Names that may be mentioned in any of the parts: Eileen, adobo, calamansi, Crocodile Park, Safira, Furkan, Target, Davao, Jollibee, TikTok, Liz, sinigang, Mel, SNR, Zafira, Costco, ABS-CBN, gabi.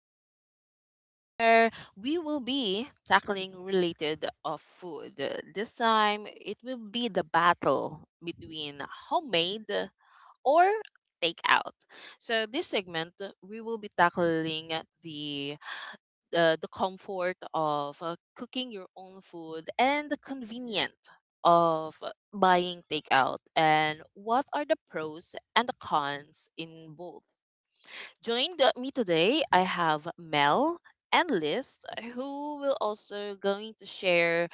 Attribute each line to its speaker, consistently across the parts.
Speaker 1: our podcast where we will be tackling related of food. This time it will be the battle between homemade or takeout. So this segment we will be tackling the the comfort of cooking your own food and the convenience of buying takeout and what are the pros and the cons in both. Joined me today, I have Mel and Liz, who will also going to share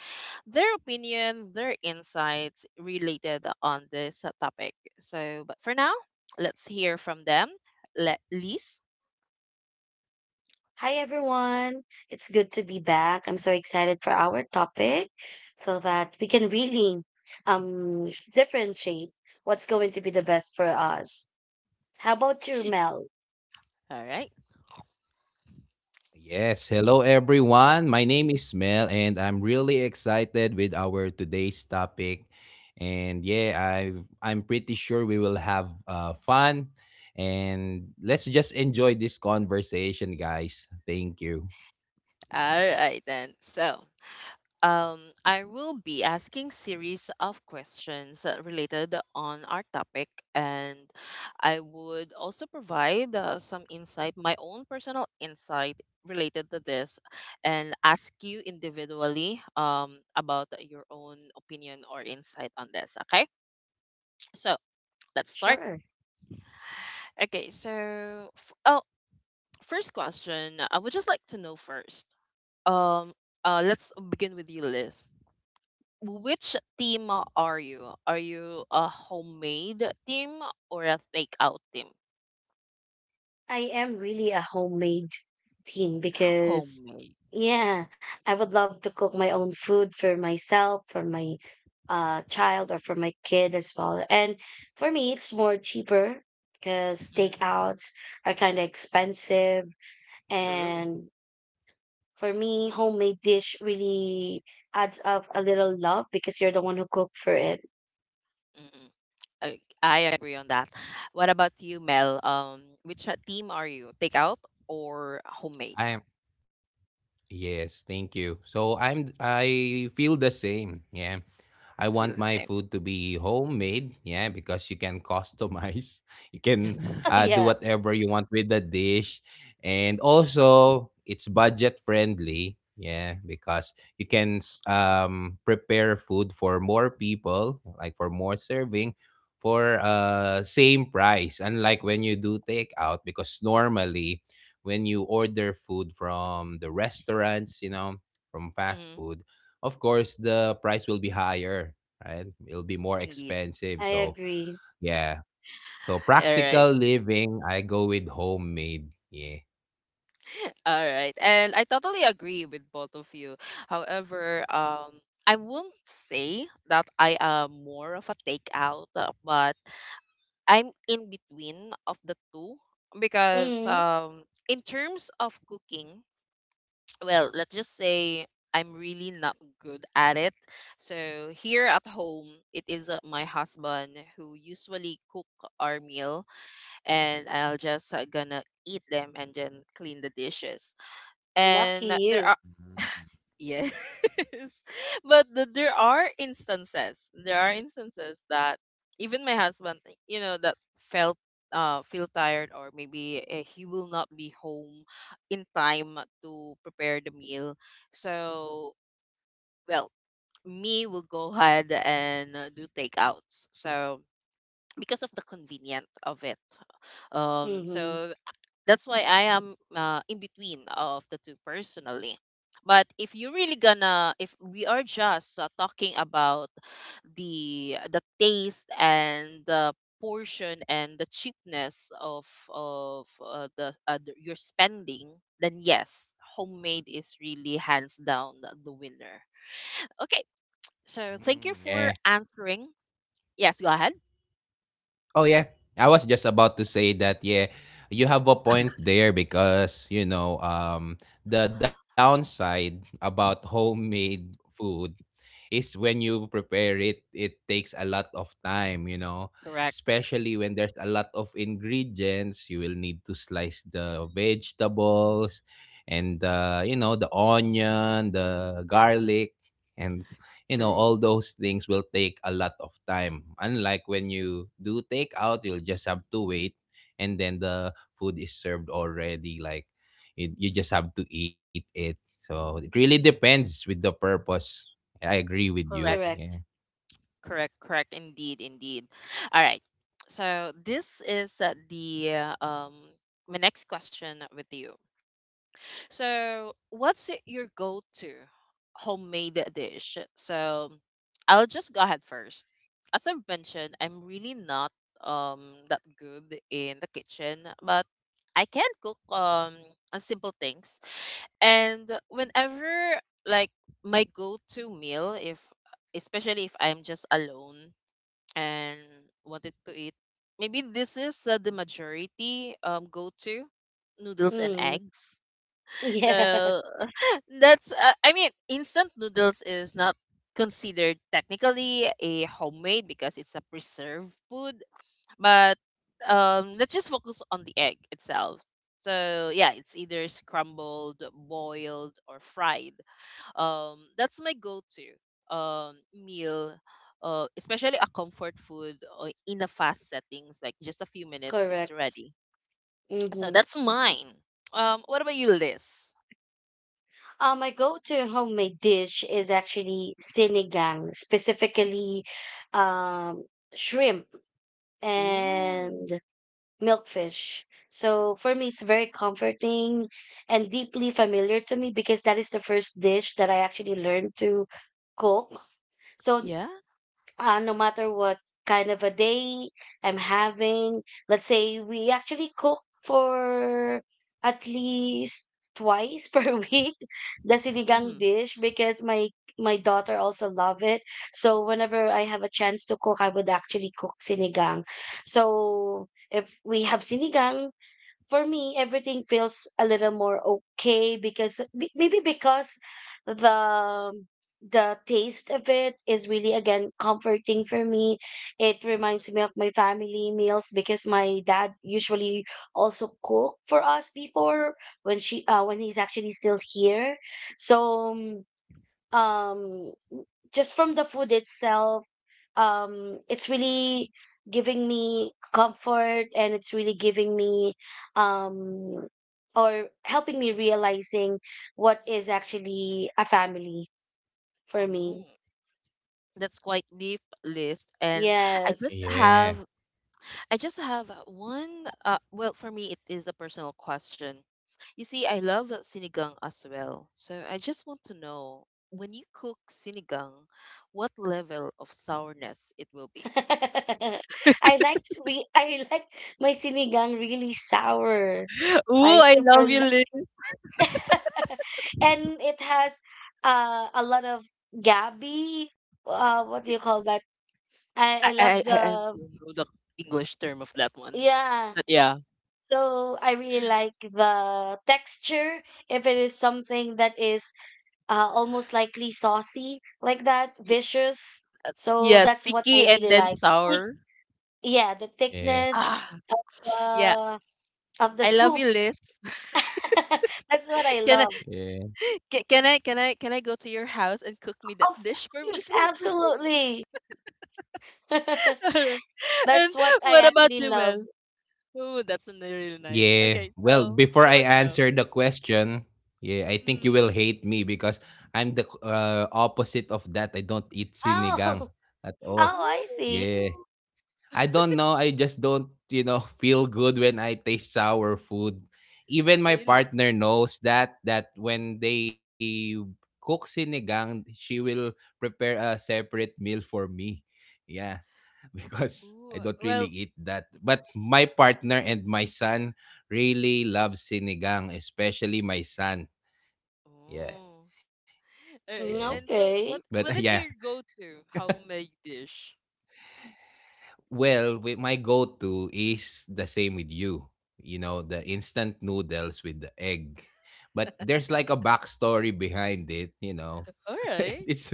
Speaker 1: their opinion, their insights related on this topic. So, but for now, let's hear from them. Let Liz.
Speaker 2: Hi everyone. It's good to be back. I'm so excited for our topic so that we can really differentiate what's going to be the best for us. How about you, Mel?
Speaker 1: All right.
Speaker 3: Yes, hello everyone. My name is Mel and I'm really excited with our today's topic. And yeah, I'm pretty sure we will have fun, and let's just enjoy this conversation, guys. Thank you.
Speaker 1: All right then. So, I will be asking series of questions related on our topic, and I would also provide some insight, my own personal insight related to this, and ask you individually about your own opinion or insight on this. Okay, so let's start.
Speaker 2: Sure.
Speaker 1: Okay, so oh, first question. I would just like to know first. Um, let's begin with you, Liz. Which team are you? Are you a homemade team or a takeout team?
Speaker 2: I am really a homemade teen because
Speaker 1: Homemade.
Speaker 2: yeah, I would love to cook my own food for myself, for my child or for my kid as well. And for me it's more cheaper because
Speaker 1: Mm,
Speaker 2: takeouts are kind of expensive.
Speaker 1: true.
Speaker 2: And for me, homemade dish really adds up a little love because you're the one who cooked for it.
Speaker 1: Mm-mm. I agree on that. What about you, Mel? Which team are you? Takeout or homemade?
Speaker 3: I am Yes, thank you. So I feel the same. Yeah. I
Speaker 1: Feel the
Speaker 3: want
Speaker 1: same.
Speaker 3: my food to be homemade, yeah, because you can customize. You can do
Speaker 2: Yeah,
Speaker 3: whatever you want with the dish. And also, it's budget friendly, yeah, because you can prepare food for more people, like for more serving for same price, unlike when you do takeout, because normally when you order food from the restaurants, you know, from fast
Speaker 1: Mm,
Speaker 3: food, of course the price will be higher, right? It'll be more
Speaker 1: indeed.
Speaker 3: expensive.
Speaker 2: I
Speaker 3: So
Speaker 2: agree.
Speaker 3: yeah. So
Speaker 1: All right.
Speaker 3: practical living, I go with homemade. Yeah.
Speaker 1: All right. And I totally agree with both of you. However, I won't say that I am more of a takeout, but I'm in between of the two because
Speaker 2: Mm,
Speaker 1: in terms of cooking, well, let's just say I'm really not good at it. So here at home, it is my husband who usually cook our meal and I'll just gonna eat them and then clean the dishes.
Speaker 2: lucky
Speaker 1: And there.
Speaker 2: you.
Speaker 1: Yes. But there are instances. There are instances that even my husband, that felt feel tired or maybe he will not be home in time to prepare the meal. So, well, me will go ahead and do takeouts. So, because of the convenient of it. Um
Speaker 2: Mm-hmm.
Speaker 1: so that's why I am in between of the two personally. But if you really gonna, if we are just talking about the taste and the portion and the cheapness of your spending, then yes, homemade is really hands down the winner. Okay, so thank you
Speaker 3: Mm,
Speaker 1: for
Speaker 3: yeah.
Speaker 1: answering. Yes, go ahead.
Speaker 3: Oh yeah. I was just about to say that yeah, you have a point there because you know, the downside about homemade food is when you prepare it, it takes a lot of time, you know,
Speaker 1: Correct.
Speaker 3: especially when there's a lot of ingredients. You will need to slice the vegetables and, you know, the onion, the
Speaker 1: Mhm.
Speaker 3: garlic, and, you know,
Speaker 1: True.
Speaker 3: all those things will take a lot of time. Unlike when you do take out, you'll just have to wait and then the food is served already. Like, it, you just have to eat it. So it really depends with the purpose. I agree with
Speaker 1: Correct.
Speaker 3: you.
Speaker 2: Correct.
Speaker 3: Yeah.
Speaker 1: Correct, correct. Indeed, indeed. All right. So this is the my next question with you. So what's your go-to homemade dish? So I'll just go ahead first. As I've mentioned, I'm really not that good in the kitchen, but I can cook simple things. And whenever like my go-to meal if especially if I'm just alone and wanted to eat. Maybe this is the majority go to noodles and
Speaker 2: Mm,
Speaker 1: eggs.
Speaker 2: Yeah,
Speaker 1: So that's I mean instant noodles is not considered technically a homemade because it's a preserved food, but let's just focus on the egg itself. So yeah, it's either scrambled, boiled, or fried. That's my go-to meal, especially a comfort food in a fast settings, like just a few minutes, it's
Speaker 2: correct.
Speaker 1: ready. So
Speaker 2: Mm-hmm.
Speaker 1: that's mine. What about you, Liz?
Speaker 2: My go-to homemade dish is actually sinigang, specifically um, shrimp
Speaker 1: Ooh,
Speaker 2: and milkfish. So for me, it's very comforting and deeply familiar to me because that is the first dish that I actually learned to cook. So
Speaker 1: yeah.
Speaker 2: no matter what kind of a day I'm having. Let's say we actually cook for at least twice per week the sinigang
Speaker 1: Mm-hmm.
Speaker 2: dish because my daughter also love it. So whenever I have a chance to cook, I would actually cook sinigang. So if we have sinigang, for me everything feels a little more okay because maybe because the the taste of it is really again comforting for me. It reminds me of my family meals because my dad usually also cook for us before, when she when he's actually still here. So um just from the food itself, it's really giving me comfort and it's really giving me um or helping me realizing what is actually a family for me.
Speaker 1: Oh, that's quite deep list, and I just
Speaker 2: Yes.
Speaker 1: have
Speaker 3: Yeah.
Speaker 1: I just have one. Well, for me, it is a personal question. You see, I love sinigang as well. So I just want to know when you cook sinigang, what level of sourness it will be?
Speaker 2: I like my sinigang really sour.
Speaker 1: Ooh,
Speaker 2: i
Speaker 1: I
Speaker 2: super
Speaker 1: love you,
Speaker 2: li-
Speaker 1: Lynn.
Speaker 2: and it has a lot of gabi, uh, what do you call that,
Speaker 1: I
Speaker 2: I
Speaker 1: I
Speaker 2: love
Speaker 1: I,
Speaker 2: the,
Speaker 1: I don't know the English term of that one,
Speaker 2: yeah.
Speaker 1: but yeah,
Speaker 2: So I really like the texture. If it is something that is almost likely saucy like that,
Speaker 1: Y-
Speaker 2: vicious. So
Speaker 1: yeah,
Speaker 2: that's what I
Speaker 1: sticky and
Speaker 2: really
Speaker 1: then
Speaker 2: like. Thick-
Speaker 1: sour.
Speaker 2: yeah, the
Speaker 3: Yeah.
Speaker 2: thickness
Speaker 1: Ah,
Speaker 2: of
Speaker 1: yeah.
Speaker 2: the of the
Speaker 1: I love you,
Speaker 2: soup.
Speaker 1: Liz.
Speaker 2: That's what I
Speaker 1: Can I,
Speaker 2: love.
Speaker 3: Yeah.
Speaker 1: ca- can I, can I, can I go to your house and cook me that
Speaker 2: Of
Speaker 1: dish for me,
Speaker 2: course,
Speaker 1: please?
Speaker 2: absolutely.
Speaker 1: And
Speaker 2: That's what I
Speaker 1: what about
Speaker 2: actually
Speaker 1: you,
Speaker 2: love.
Speaker 1: Mel? Oh, that's really nice.
Speaker 3: Yeah.
Speaker 1: Okay,
Speaker 3: Well,
Speaker 1: so
Speaker 3: before
Speaker 1: what
Speaker 3: I
Speaker 1: about you, Mel?
Speaker 3: answer the question, yeah, I think you
Speaker 1: Mm.
Speaker 3: will hate me because I'm the opposite of that. I don't eat sinigang
Speaker 2: Oh,
Speaker 3: at all.
Speaker 2: oh, I
Speaker 1: Ooh,
Speaker 2: see.
Speaker 3: Yeah. I don't know. I just don't, you know, feel good when I taste sour food. Even my
Speaker 1: really?
Speaker 3: partner knows that when they cook sinigang, she will prepare a separate meal for me. Yeah. Because I
Speaker 1: Ooh,
Speaker 3: don't really
Speaker 1: well,
Speaker 3: eat that. But my partner and my son really love sinigang, especially my son. Yeah,
Speaker 1: oh. All
Speaker 3: yeah.
Speaker 1: right.
Speaker 2: Mm,
Speaker 1: And so,
Speaker 3: But
Speaker 1: what
Speaker 2: Okay,
Speaker 3: yeah,
Speaker 1: what is your go-to homemade dish?
Speaker 3: well, with my go-to is the same with you. You know, the instant noodles with the egg. But there's like a backstory behind it, you know.
Speaker 1: All right.
Speaker 3: It's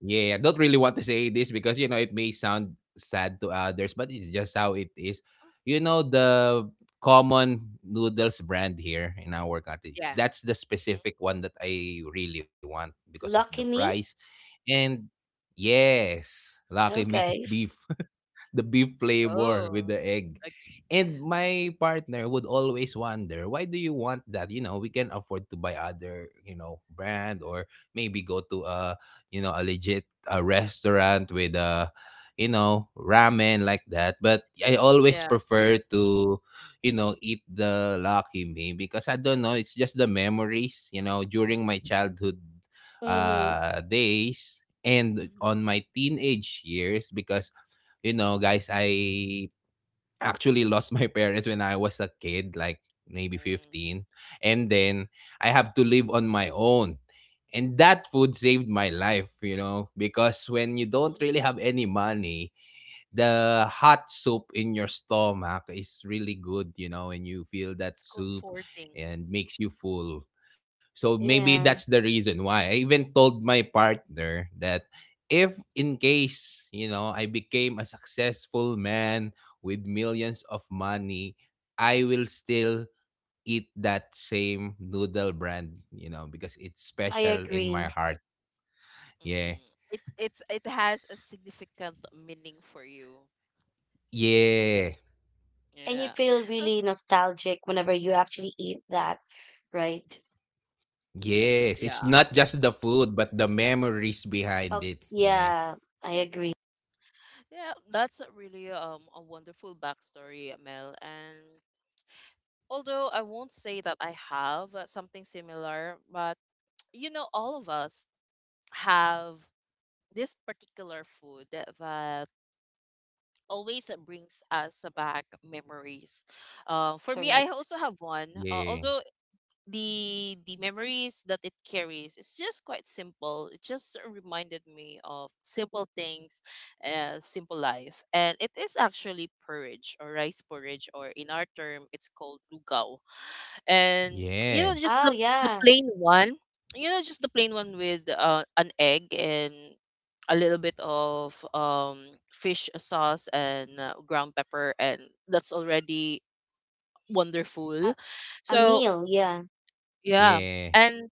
Speaker 3: yeah, I don't really want to say this because you know it may sound sad to others, but it's just how it is. You know, the common noodles brand here in our country.
Speaker 1: Yeah.
Speaker 3: That's the specific one that I really want because of the
Speaker 2: lucky
Speaker 3: price.
Speaker 2: me.
Speaker 3: And yes, lucky
Speaker 1: Mm-hmm.
Speaker 3: me,
Speaker 2: Okay.
Speaker 3: beef the beef flavor with
Speaker 1: Oh,
Speaker 3: the egg.
Speaker 1: like,
Speaker 3: And my partner would always wonder, why do you want that? You know, we can afford to buy other, you know, brand or maybe go to a, you know, a legit restaurant with a, you know, ramen like that. But I always
Speaker 1: yeah.
Speaker 3: prefer to, you know, eat the Lucky Me because I don't know, it's just the memories, you know, during my childhood
Speaker 2: Mm-hmm.
Speaker 3: days and
Speaker 1: Mm-hmm.
Speaker 3: on my teenage years because you know, guys, I actually lost my parents when I was a kid, like maybe
Speaker 1: Mm.
Speaker 3: 15. And then I have to live on my own. And that food saved my life, you know, because when you don't
Speaker 1: Mm,
Speaker 3: really have any money, the hot soup in your stomach is really good, you know, and you feel
Speaker 1: it's
Speaker 3: that soup
Speaker 1: comforting.
Speaker 3: and makes you full. So maybe
Speaker 2: Yeah,
Speaker 3: that's the reason why. I even told my partner that if in case, you know, I became a successful man with millions of money, I will still eat that same noodle brand, you know, because it's
Speaker 2: I
Speaker 3: special in my
Speaker 2: agree.
Speaker 3: heart. Yeah.
Speaker 1: Mm. It has a significant meaning for you.
Speaker 3: Yeah.
Speaker 2: And you
Speaker 1: Yeah.
Speaker 2: feel
Speaker 1: Uh,
Speaker 2: really nostalgic whenever you actually eat that, right?
Speaker 3: Yes, it's not
Speaker 1: Yeah.
Speaker 3: just the food, but the memories behind it.
Speaker 2: Oh,
Speaker 3: Yeah,
Speaker 2: yeah, I
Speaker 1: Yes.
Speaker 2: agree.
Speaker 1: Yeah, that's a really a wonderful backstory, Mel. And although I won't say that I have something similar, but all of us have this particular food that always brings us back memories. For me, I
Speaker 2: Correct.
Speaker 1: also have one.
Speaker 3: yeah,
Speaker 1: Although the memories that it carries it's just quite simple. It just reminded me of simple things, simple life, and it is actually porridge or rice porridge, or in our term, it's called lugaw, and
Speaker 3: yeah,
Speaker 1: just
Speaker 2: Oh,
Speaker 1: the
Speaker 2: yeah.
Speaker 1: plain one the plain one with an egg and a little bit of fish sauce and ground pepper, and that's already wonderful,
Speaker 2: A, a
Speaker 1: so
Speaker 2: meal, yeah.
Speaker 1: yeah,
Speaker 3: yeah.
Speaker 1: and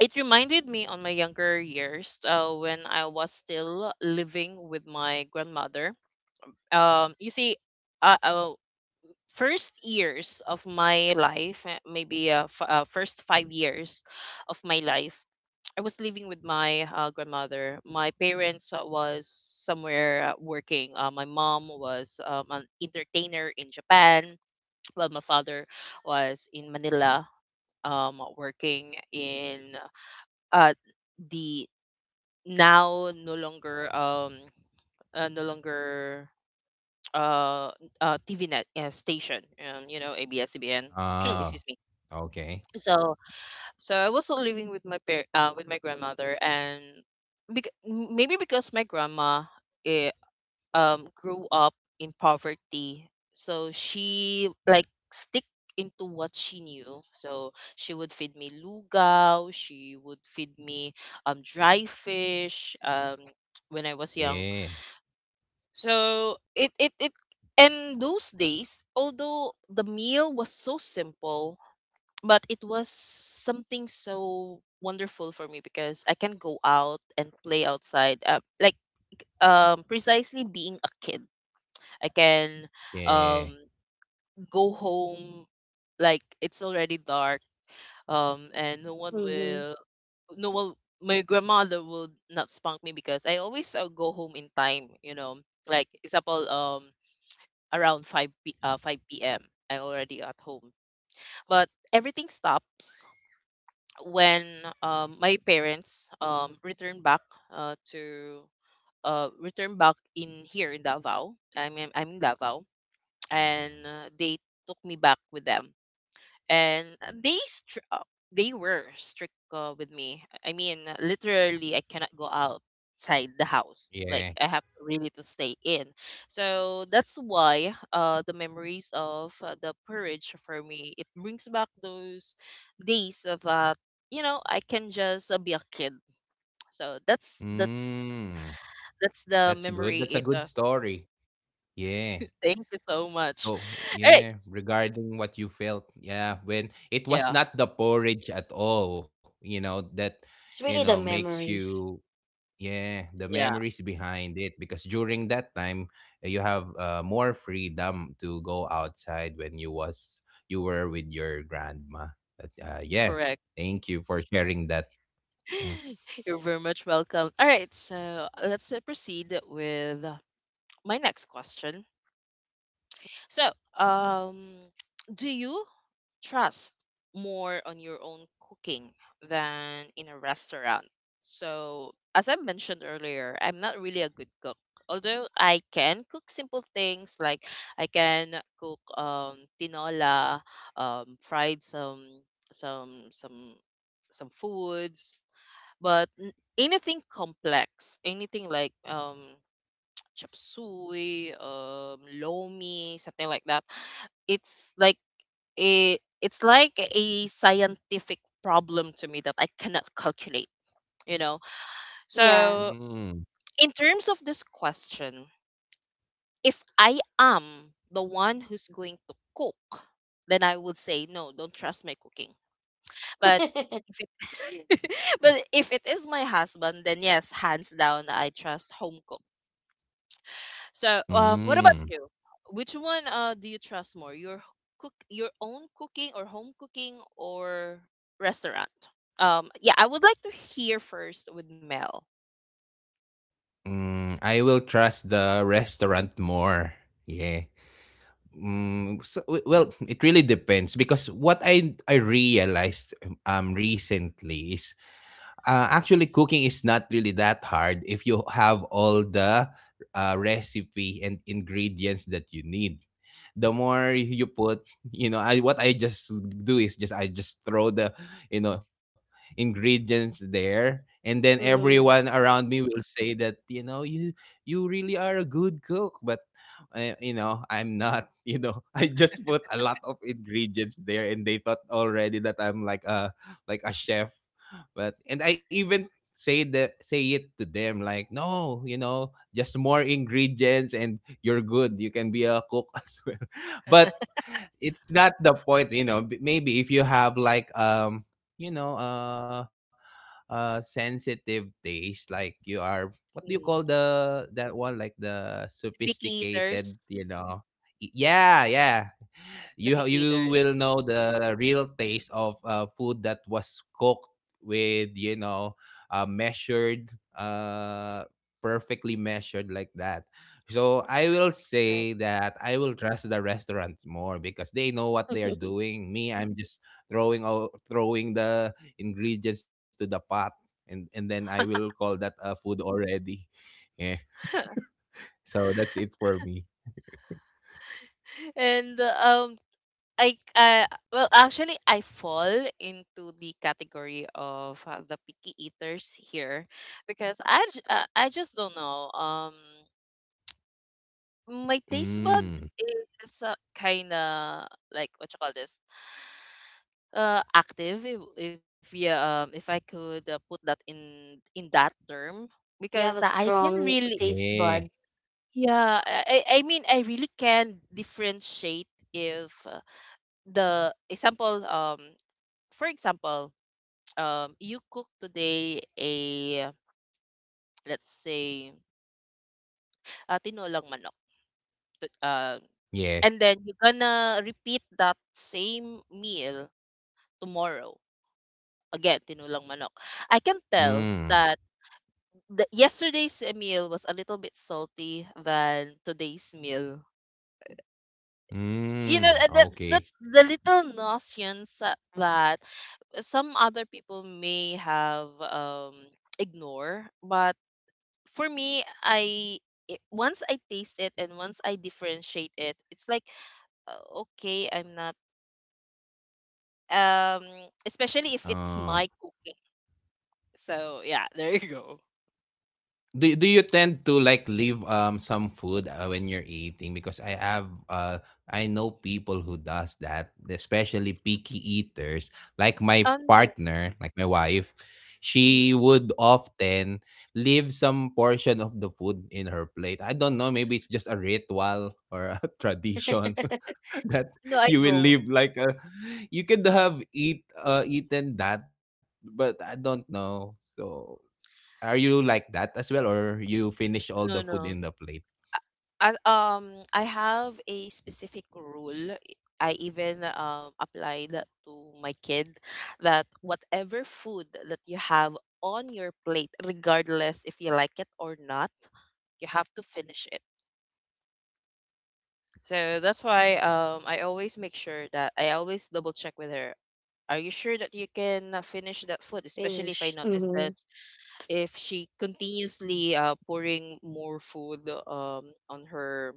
Speaker 1: it reminded me on my younger years when I was still living with my grandmother. You see, uh, uh, first years of my life, maybe first 5 years of my life, I was living with my grandmother. My parents was somewhere working. My mom was an entertainer in Japan, while my father was in Manila, working in uh, the now no longer uh, TV net station, ABS-CBN.
Speaker 3: Oh,
Speaker 1: Excuse me.
Speaker 3: okay.
Speaker 1: So so I was still living with my grandmother, and maybe because my grandma eh, grew up in poverty, so she like stick into what she knew, so she would feed me lugaw, she would feed me dry fish, when I was young.
Speaker 3: Yeah,
Speaker 1: So it and those days, although the meal was so simple, but it was something so wonderful for me because I can go out and play outside. Like precisely being a kid, I can um
Speaker 3: yeah,
Speaker 1: go home like it's already dark, and no one
Speaker 2: Mm-hmm.
Speaker 1: will, no one, my grandmother will not spank me because I always go home in time, you know. Like example, around 5 5 p.m. I am already at home. But everything stops when my parents uh, to return back in here in Davao. I'm in Davao, and
Speaker 3: mm.
Speaker 1: they took me back with them, and they were strict with me. I mean, literally, I cannot go outside the house. Like
Speaker 3: Yeah.
Speaker 1: I have really to stay in. So that's why the memories of the purge for me it brings back those days of that I can just be a kid. So that's that's
Speaker 3: Mm.
Speaker 1: that's the
Speaker 3: That's good.
Speaker 1: memory.
Speaker 3: That's a
Speaker 1: It.
Speaker 3: good story. Yeah.
Speaker 1: Thank you so much.
Speaker 3: So,
Speaker 1: All right.
Speaker 3: yeah, regarding what you felt, yeah, when it was
Speaker 1: Yeah.
Speaker 3: not the porridge at all, you know, that,
Speaker 2: It's
Speaker 3: you know,
Speaker 2: really the
Speaker 1: uh,
Speaker 3: makes
Speaker 2: memories.
Speaker 3: you yeah, the
Speaker 1: Yeah.
Speaker 3: memories behind it because during that time you have more freedom to go outside when you were with your grandma. But, yeah,
Speaker 1: Correct.
Speaker 3: thank you for sharing that. Yeah.
Speaker 1: You're very much welcome. All right, so let's proceed with my next question. So, um, do you trust more on your own cooking than in a restaurant? So, as I mentioned earlier, I'm not really a good cook. Although I can cook simple things like I can cook tinola, fried some some some foods but anything complex, anything like chop suey, lomi, something like that. It's like a scientific problem to me that I cannot calculate, you know.
Speaker 2: Yeah.
Speaker 1: So
Speaker 3: Mm.
Speaker 1: in terms of this question, if I am the one who's going to cook, then I would say no, don't trust my cooking. But if it but if it is my husband, then yes, hands down, I trust home cook. So, what about
Speaker 3: Mm.
Speaker 1: you? Which one do you trust more? Your cook, your own cooking or home cooking or restaurant? Yeah, I would like to hear first with Mel.
Speaker 3: Mm. I will trust the restaurant more. Yeah. Mm, so, well, it really depends because what I realized recently is actually cooking is not really that hard if you have all the recipe and ingredients that you need. The more you put, you know, I what I just do is just I just throw the, you know, ingredients there, and then
Speaker 2: Mm-hmm.
Speaker 3: everyone around me will say that, you know, you really are a good cook, but you know, I'm not. You know, I just put a lot of ingredients there and they thought already that I'm like a chef. But and I even say the say it to them like, no, you know, just more ingredients and you're good. You can be a cook as well. But it's not the point, you know. Maybe if you have like you know, uh, sensitive taste, like you are what do you call
Speaker 1: Mm-hmm.
Speaker 3: the that one, like the
Speaker 1: Picky
Speaker 3: sophisticated,
Speaker 1: eaters,
Speaker 3: you know, yeah, yeah,
Speaker 1: the picky
Speaker 3: you
Speaker 1: eaters,
Speaker 3: will know the real taste of food that was cooked with, you know, measured uh perfectly measured like that. So I will
Speaker 2: Correct.
Speaker 3: say that I will trust the restaurants more because they know what they are doing. Me, I'm just throwing the ingredients to the pot, and then I will call that food already. Yeah, so that's it for me.
Speaker 1: and um, I, well, actually, I fall into the category of the picky eaters here because I just don't know. My taste bud
Speaker 3: Mm,
Speaker 1: is kind of like what you call this active, if I could put that in that term
Speaker 2: You
Speaker 1: because
Speaker 2: have a
Speaker 1: I can
Speaker 2: strong
Speaker 1: really,
Speaker 2: taste
Speaker 3: yeah.
Speaker 2: bud.
Speaker 1: yeah, I mean I really can differentiate if the example for example you cook today a let's say tinolang manok t- uh,
Speaker 3: Yeah.
Speaker 1: and then you're gonna repeat that same meal tomorrow again, tinulang manok. I can
Speaker 3: Mm.
Speaker 1: tell that yesterday's meal was a little bit salty than today's meal. You know,
Speaker 3: Hmm,
Speaker 1: uh, that's
Speaker 3: okay.
Speaker 1: that's the little notions that some other people may have ignore, but for me, once I taste it and once I differentiate it, it's like okay, I'm not um especially if it's
Speaker 3: Uh,
Speaker 1: my cooking. So yeah, there you go.
Speaker 3: do do you tend to, like, leave, some food, when you're eating? Because I have, I know people who does that, especially picky eaters. Like my
Speaker 1: Um,
Speaker 3: partner, like my wife, she would often leave some portion of the food in her plate. I don't know, maybe it's just a ritual or a tradition. That
Speaker 1: No, I
Speaker 3: you will
Speaker 1: don't.
Speaker 3: live like a you could have eaten that, but I don't know. So are you like that as well, or you finish all
Speaker 1: No,
Speaker 3: the
Speaker 1: no.
Speaker 3: food in the plate?
Speaker 1: I have a specific rule. I even applied that to my kid, that whatever food that you have on your
Speaker 3: Hmm.
Speaker 1: plate, regardless if you like it or not, you have to finish it.
Speaker 3: That you allowed, let
Speaker 1: So
Speaker 3: them
Speaker 1: that's
Speaker 3: eat the
Speaker 1: why
Speaker 3: food.
Speaker 1: I always make sure that I always double check with her. Are you sure that you can finish that food? Especially if I
Speaker 2: Finish.
Speaker 1: notice
Speaker 2: Mm-hmm.
Speaker 1: that if she continuously pouring more food, um, on her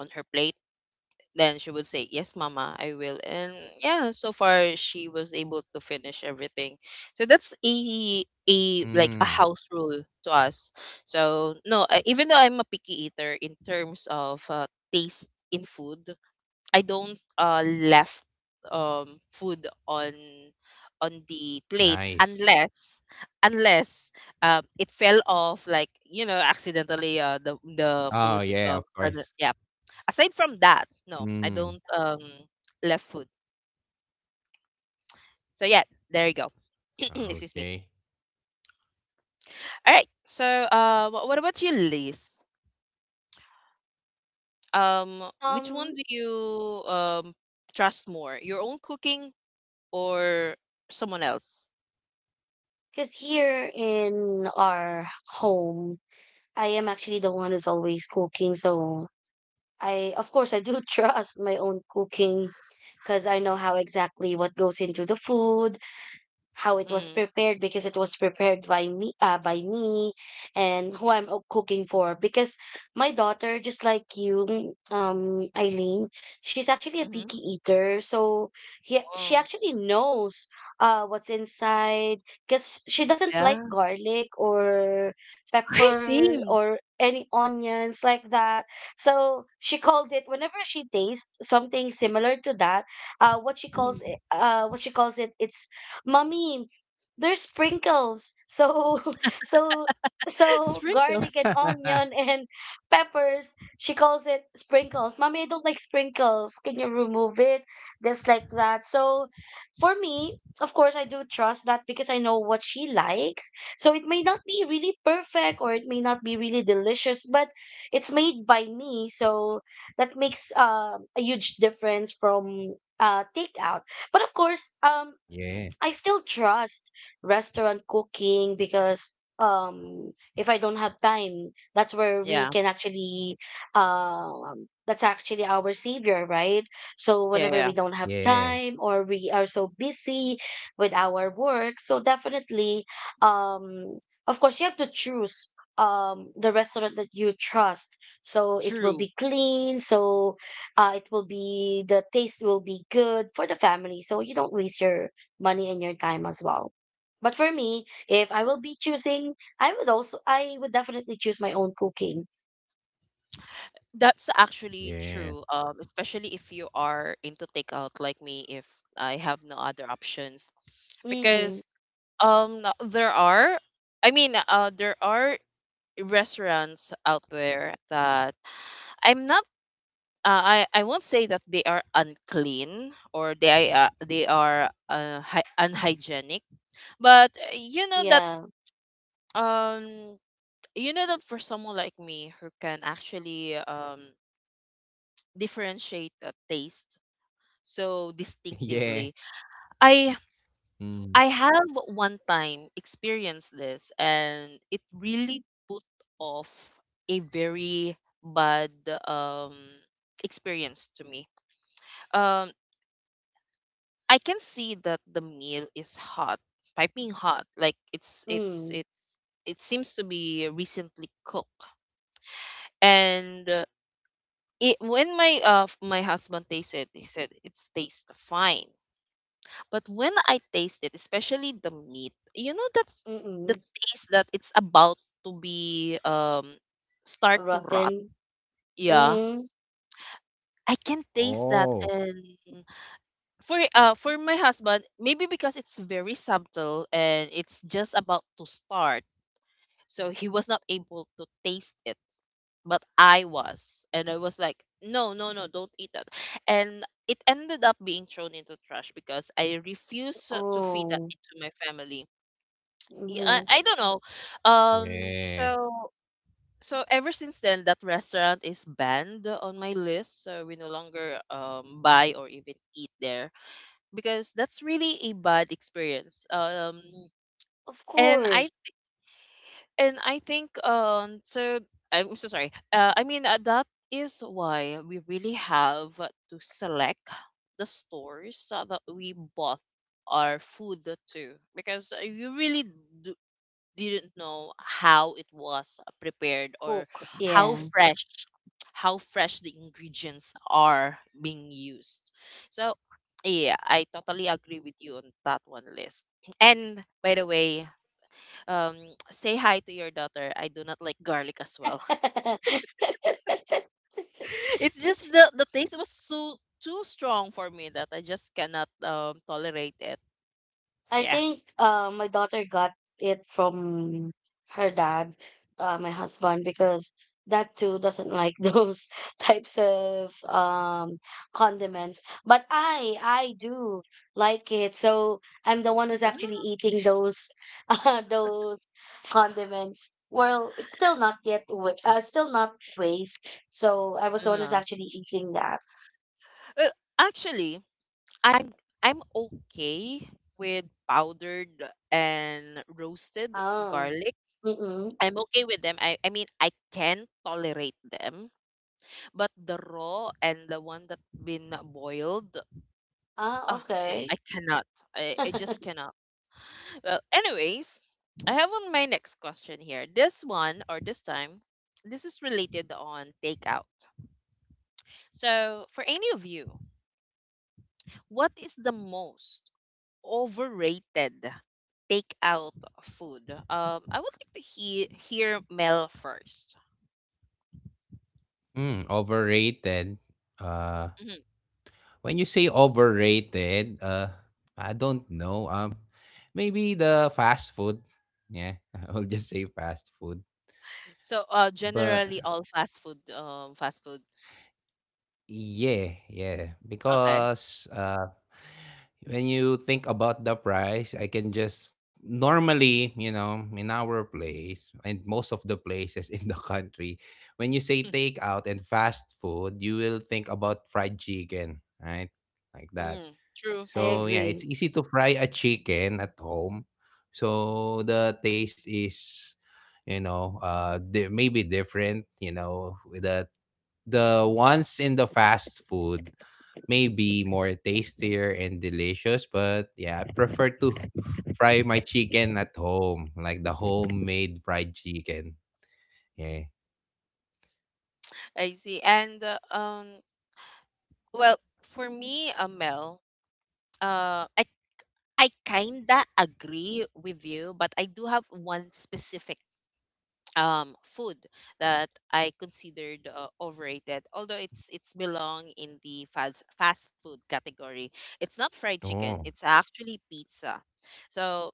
Speaker 1: on her plate. Then she would say, "Yes, Mama, I will." And yeah, so far she was able to finish everything. So that's a like a house
Speaker 3: Hmm.
Speaker 1: rule to us. So no, even though I'm a picky eater in terms of taste in food, I don't left, um, food on on the plate, unless
Speaker 3: Nice.
Speaker 1: unless, it fell off, like accidentally, the food
Speaker 3: Oh yeah, of
Speaker 1: yeah.
Speaker 3: course.
Speaker 1: Aside from that, no, I don't
Speaker 3: Hmm.
Speaker 1: love food. So yeah, there you go. Excuse me.
Speaker 3: Okay.
Speaker 1: All right. So what about you, Liz? Which one
Speaker 2: Um,
Speaker 1: do you trust more, your own cooking or someone else?
Speaker 2: because here in our home, I am actually the one who's always cooking, so I of course I do trust my own cooking because I know how exactly what goes into the food, how it was
Speaker 1: Mm.
Speaker 2: prepared because it was prepared by me, and who I'm cooking for, because my daughter, just like you Eileen, she's actually a
Speaker 1: Mm-hmm.
Speaker 2: picky eater, so she
Speaker 1: Oh,
Speaker 2: actually knows what's inside, because she doesn't
Speaker 1: yeah.
Speaker 2: like garlic or
Speaker 1: Hey,
Speaker 2: pepper
Speaker 1: same.
Speaker 2: or any onions like that. So she called it whenever she tastes something similar to that. Uh what she
Speaker 1: Mhm.
Speaker 2: calls it what she calls it it's Mommy, there's sprinkles. So, so, so
Speaker 1: Sprinkles.
Speaker 2: garlic and onion and peppers, she calls it sprinkles. Mommy, I don't like sprinkles. Can you remove it? Just like that. So, for me, of course, I do trust that because I know what she likes. So it may not be really perfect or it may not be really delicious, but it's made by me. So that makes a huge difference from takeout. But of course,
Speaker 3: Yeah,
Speaker 2: I still trust restaurant cooking because if I don't have time, that's where we
Speaker 1: Yeah,
Speaker 2: can actually that's actually our savior, right? So
Speaker 1: yeah,
Speaker 2: whenever
Speaker 1: yeah.
Speaker 2: we don't have
Speaker 3: yeah,
Speaker 2: time or we are so busy with our work, so definitely, um of course you have to choose the restaurant that you trust, so it will
Speaker 1: True.
Speaker 2: be clean, so it will be, the taste will be good for the family, so you don't waste your money and your time as well. But for me, if I will be choosing, I would definitely choose my own cooking.
Speaker 1: That's actually true.
Speaker 3: yeah.
Speaker 1: Especially if you are into takeout like me, if I have no other options,
Speaker 2: Mm-mm.
Speaker 1: because um there are, I mean there are restaurants out there that I'm not, I won't say that they are unclean or they are hy unhygienic, but you know that,
Speaker 2: Yeah.
Speaker 1: um you know that for someone like me who can actually differentiate a taste so
Speaker 3: Yeah.
Speaker 1: distinctively, I I
Speaker 3: Mm.
Speaker 1: have one time experienced this, and it really put off a very bad um experience to me. Um, I can see that the meal is hot, piping hot, like it's it's
Speaker 2: Mm.
Speaker 1: it's it seems to be recently cooked. And it, when my my husband tasted, he said it tastes fine. But when I taste it, especially the meat, you know that the
Speaker 2: Mm-mm.
Speaker 1: taste that it's about to be, start to rot.
Speaker 2: Rotten.
Speaker 1: Yeah.
Speaker 2: Mm.
Speaker 1: I can taste that.
Speaker 3: Oh
Speaker 1: And for my husband, maybe because it's very subtle and it's just about to start. So he was not able to taste it, but I was. And I was like, "No, no, no, don't eat that." And it ended up being thrown into trash because I refuse to feed that
Speaker 2: Oh.
Speaker 1: into my family. y-
Speaker 2: Mm-hmm.
Speaker 1: I, I don't know. Um,
Speaker 3: yeah.
Speaker 1: so so ever since then, that restaurant is banned on my list. So we no longer buy or even eat there, because that's really a bad experience.
Speaker 2: Of
Speaker 1: And I
Speaker 2: course.
Speaker 1: and I think so, I'm so sorry. That is why we really have to select the stores that we bought our food to, because you really do, didn't know how it was prepared, or
Speaker 2: Cook.
Speaker 1: how
Speaker 2: Yeah.
Speaker 1: fresh how fresh the ingredients are being used. So yeah, I totally agree with you on that one list. And by the way, um, say hi to your daughter. I do not like garlic as well. It's just the taste was so too strong for me that I just cannot tolerate it.
Speaker 2: I
Speaker 1: Yeah.
Speaker 2: think my daughter got it from her dad, my husband, because that too doesn't like those types of condiments. But I do like it. So I'm the one who's actually eating those, those condiments. Well, it's still not yet, still not waste. So I was the one who's
Speaker 1: Uh-huh.
Speaker 2: actually eating that.
Speaker 1: Uh, actually, I'm I'm okay with powdered and roasted
Speaker 2: Oh,
Speaker 1: garlic.
Speaker 2: mm-mm.
Speaker 1: I'm okay with them. I mean, I can tolerate them, but the raw and the one that been boiled,
Speaker 2: Ah,
Speaker 1: ah, no, I
Speaker 2: okay.
Speaker 1: cannot. I, I
Speaker 2: I
Speaker 1: just cannot. Well, anyways, I have on my next question here. This one, or this time, this is related on takeout. So, for any of you, what is the most overrated takeout food? I would like to hear Mel first.
Speaker 3: Hmm. Overrated. Uh.
Speaker 1: Mhm.
Speaker 3: When you say overrated, I don't know. Maybe the fast food. Yeah, I'll just say fast food.
Speaker 1: So,
Speaker 3: But
Speaker 1: generally all fast food, fast food.
Speaker 3: yeah, yeah,
Speaker 1: Okay.
Speaker 3: because when you think about the price, I can just normally, you know, in our place and most of the places in the country, when you say takeout and fast food, you will think about fried chicken, right? Like that.
Speaker 1: Mm, true,
Speaker 3: So
Speaker 1: true.
Speaker 3: yeah, it's
Speaker 2: agree.
Speaker 3: easy to fry a chicken at home. So the taste is, you know, maybe different. You know, with the ones in the fast food may be more tastier and delicious, but yeah, I prefer to fry my chicken at home, like the homemade fried chicken. Yeah.
Speaker 1: I see. And well, for me, Mel, uh, I I kinda agree with you, but I do have one specific food that I considered overrated, although it's belong in the fast food category. It's not fried chicken,
Speaker 3: Oh.
Speaker 1: it's actually pizza. So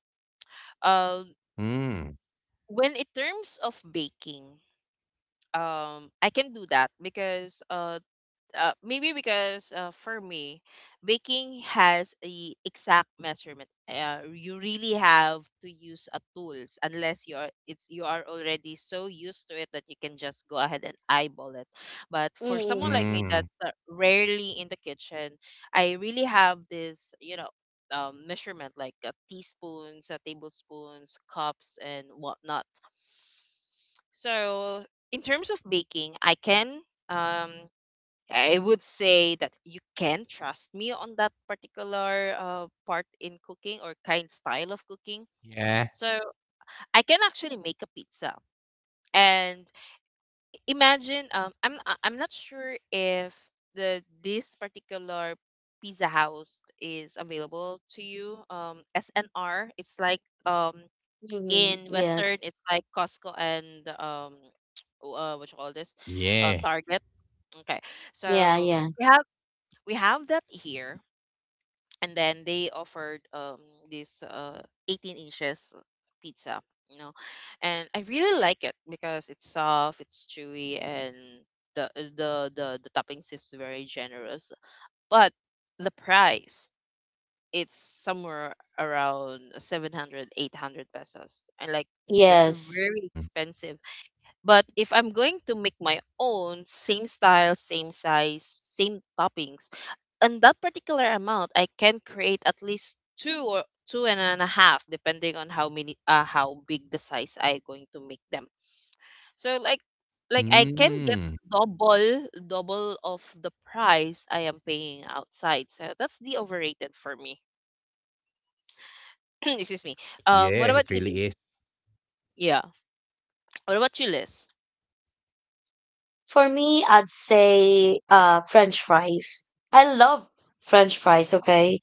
Speaker 1: um
Speaker 3: Mm.
Speaker 1: when in terms of baking, I can do that. Because maybe because for me, baking has a exact measurement. You really have to use a tools, unless you are already so used to it that you can just go ahead and eyeball it. But for someone
Speaker 2: Mm,
Speaker 1: like me
Speaker 3: Mm.
Speaker 1: that's rarely in the kitchen, I really have this, measurement, like teaspoons, tablespoons, cups, and whatnot. So in terms of baking, I can. Um, I would say that you can trust me on that particular part in cooking, or kind style of cooking.
Speaker 3: Yeah.
Speaker 1: So I can actually make a pizza. And imagine, I'm not sure if the this particular pizza house is available to you. SNR. It's like um
Speaker 2: mhm,
Speaker 1: in Western,
Speaker 2: yes.
Speaker 1: it's like Costco and what you call this,
Speaker 3: Yeah.
Speaker 1: Target. Okay,
Speaker 2: Yeah,
Speaker 1: so
Speaker 2: yeah.
Speaker 1: we have we have that here, and then they offered this 18 inches pizza, you know, and I really like it because it's soft, it's chewy, and the the toppings is very generous. But the price, it's somewhere around 700 800 pesos, and like, that's
Speaker 2: Yes.
Speaker 1: very
Speaker 3: Mm.
Speaker 1: expensive. But if I'm going to make my own, same style, same size, same toppings, on that particular amount, I can create at least two, or two and a half, depending on how many, how big the size I going to make them. So, like I can get
Speaker 3: Mm.
Speaker 1: double, double of the price I am paying outside. So that's the overrated for me. Excuse me. What
Speaker 3: Yeah.
Speaker 1: about
Speaker 3: It
Speaker 1: you, Liz?
Speaker 3: really is.
Speaker 1: Yeah. What about you, Liz?
Speaker 2: For me, I'd say French fries. I love French fries, okay?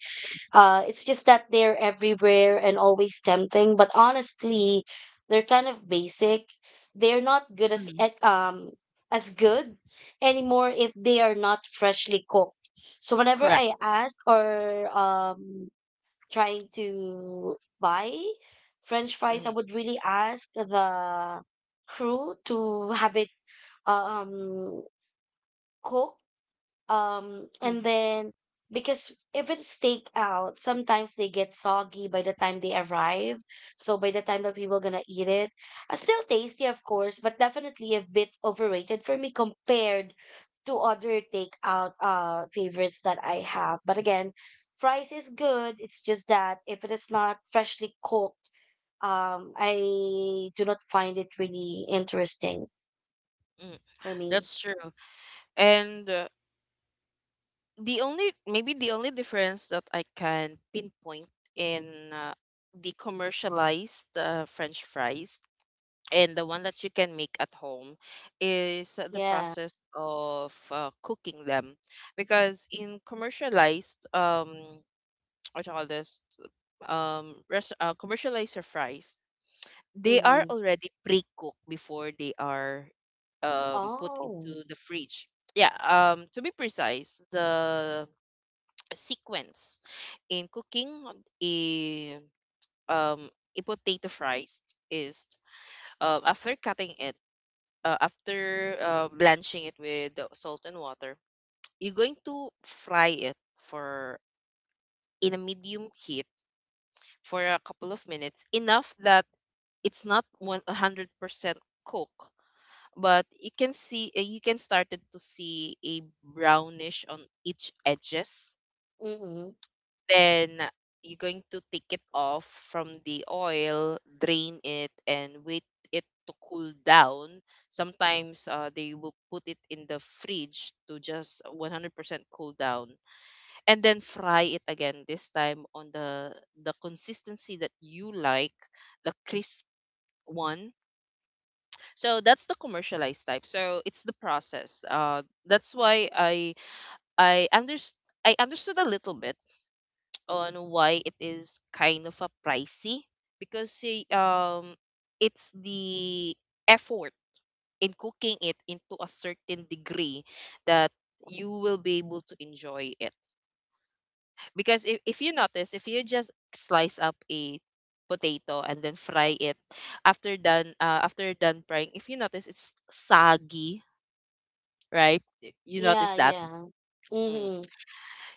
Speaker 2: Uh, it's just that they're everywhere and always tempting, but honestly, they're kind of basic. They're not good as
Speaker 1: Mhm.
Speaker 2: at- um as good anymore if they are not freshly cooked. So whenever I
Speaker 1: Correct.
Speaker 2: ask or trying to buy french fries, I would
Speaker 1: Mm-hmm.
Speaker 2: really ask the crew to have it uh, um cooked, and then, because if it's takeout, sometimes they get soggy by the time they arrive. So by the time that people gonna eat it, still tasty, of course, but definitely a bit overrated for me compared to other takeout favorites that I have. But again, fries is good. It's just that if it is not freshly cooked, I do not find it really interesting
Speaker 1: Mm-hmm.
Speaker 2: for me.
Speaker 1: That's true. And the only, maybe the only difference that I can pinpoint in uh, the commercialized French fries and the one that you can make at home is the
Speaker 2: Yeah.
Speaker 1: process of cooking them. Because in commercialized what you call this um res- commercialized fries, they are
Speaker 2: Mm-hmm.
Speaker 1: already pre-cooked before they are put
Speaker 2: Oh.
Speaker 1: into the fridge. Yeah, to be precise, the sequence in cooking a um a potato fries is, after cutting it, after blanching it with the salt and water, you're going to fry it for, in a medium heat, for a couple of minutes, enough that it's not 100% cook, but you can see, you can started to see a brownish on each edges.
Speaker 2: Mm-hmm.
Speaker 1: Then you're going to take it off from the oil, drain it, and wait it to cool down. Sometimes they will put it in the fridge to just 100% cool down, and then fry it again. This time on the consistency that you like, the crisp one. So that's the commercialized type. So it's the process. That's why I underst I understood a little bit on why it is kind of a pricey, because say, it's the effort in cooking it into a certain degree that you will be able to enjoy it. Because if you notice, if you just slice up a potato and then fry it, after done frying, if you notice, it's saggy, right? You notice
Speaker 2: Yeah,
Speaker 1: that.
Speaker 2: yeah.
Speaker 1: Mm.
Speaker 2: Mm-hmm.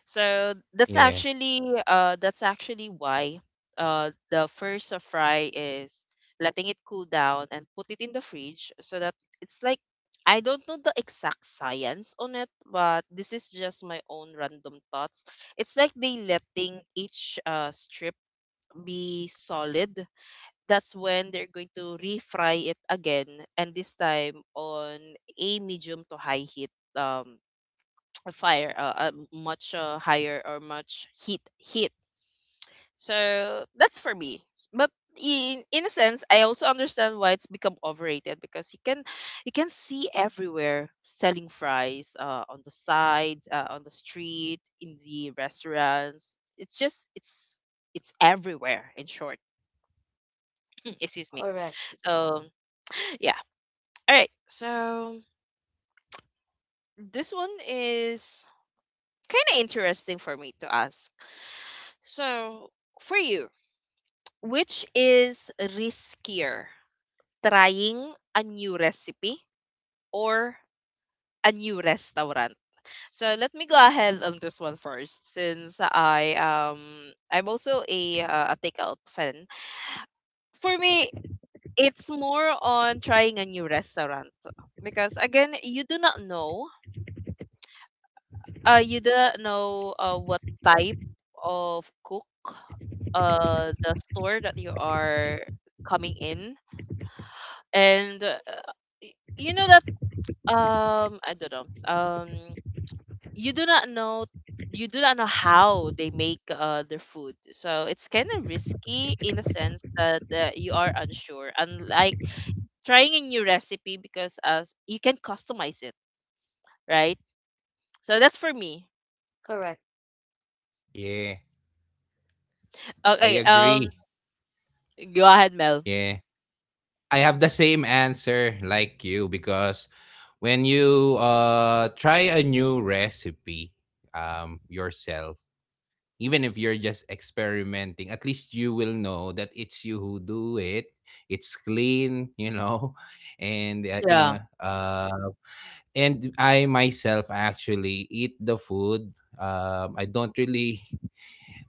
Speaker 1: So that's
Speaker 3: Yeah.
Speaker 1: actually, that's actually why the first fry is letting it cool down and put it in the fridge, so that it's like, I don't know the exact science on it, but this is just my own random thoughts. It's like they letting each strip be solid. That's when they're going to refry it again, and this time on a medium to high heat, um a fire a much higher or much heat. So that's for me. But in a sense, I also understand why it's become overrated, because you can, you can see everywhere selling fries on the side, on the street, in the restaurants, it's just it's everywhere, in short. Excuse me.
Speaker 2: Correct.
Speaker 1: So yeah. All right, so this one is kind of interesting for me to ask. So, for you, which is riskier, trying a new recipe or a new restaurant? So let me go ahead on this one first, since I'm also a takeout fan. For me, it's more on trying a new restaurant, because again, you do not know, you do not know what type of cook, the store that you are coming in, and you know that, I don't know. Um, you do not know you do not know how they make their food. So it's kind of risky in a sense that you are unsure. Unlike trying a new recipe, because as you can customize it, right? So that's for me.
Speaker 2: Correct.
Speaker 3: Yeah,
Speaker 1: Okay,
Speaker 3: I agree.
Speaker 1: go ahead, Mel.
Speaker 3: Yeah. I have the same answer like you because when you try a new recipe yourself, even if you're just experimenting, at least you will know that it's you who do it. It's clean, you know. And you
Speaker 1: Yeah.
Speaker 3: know, and I myself actually eat the food. I don't really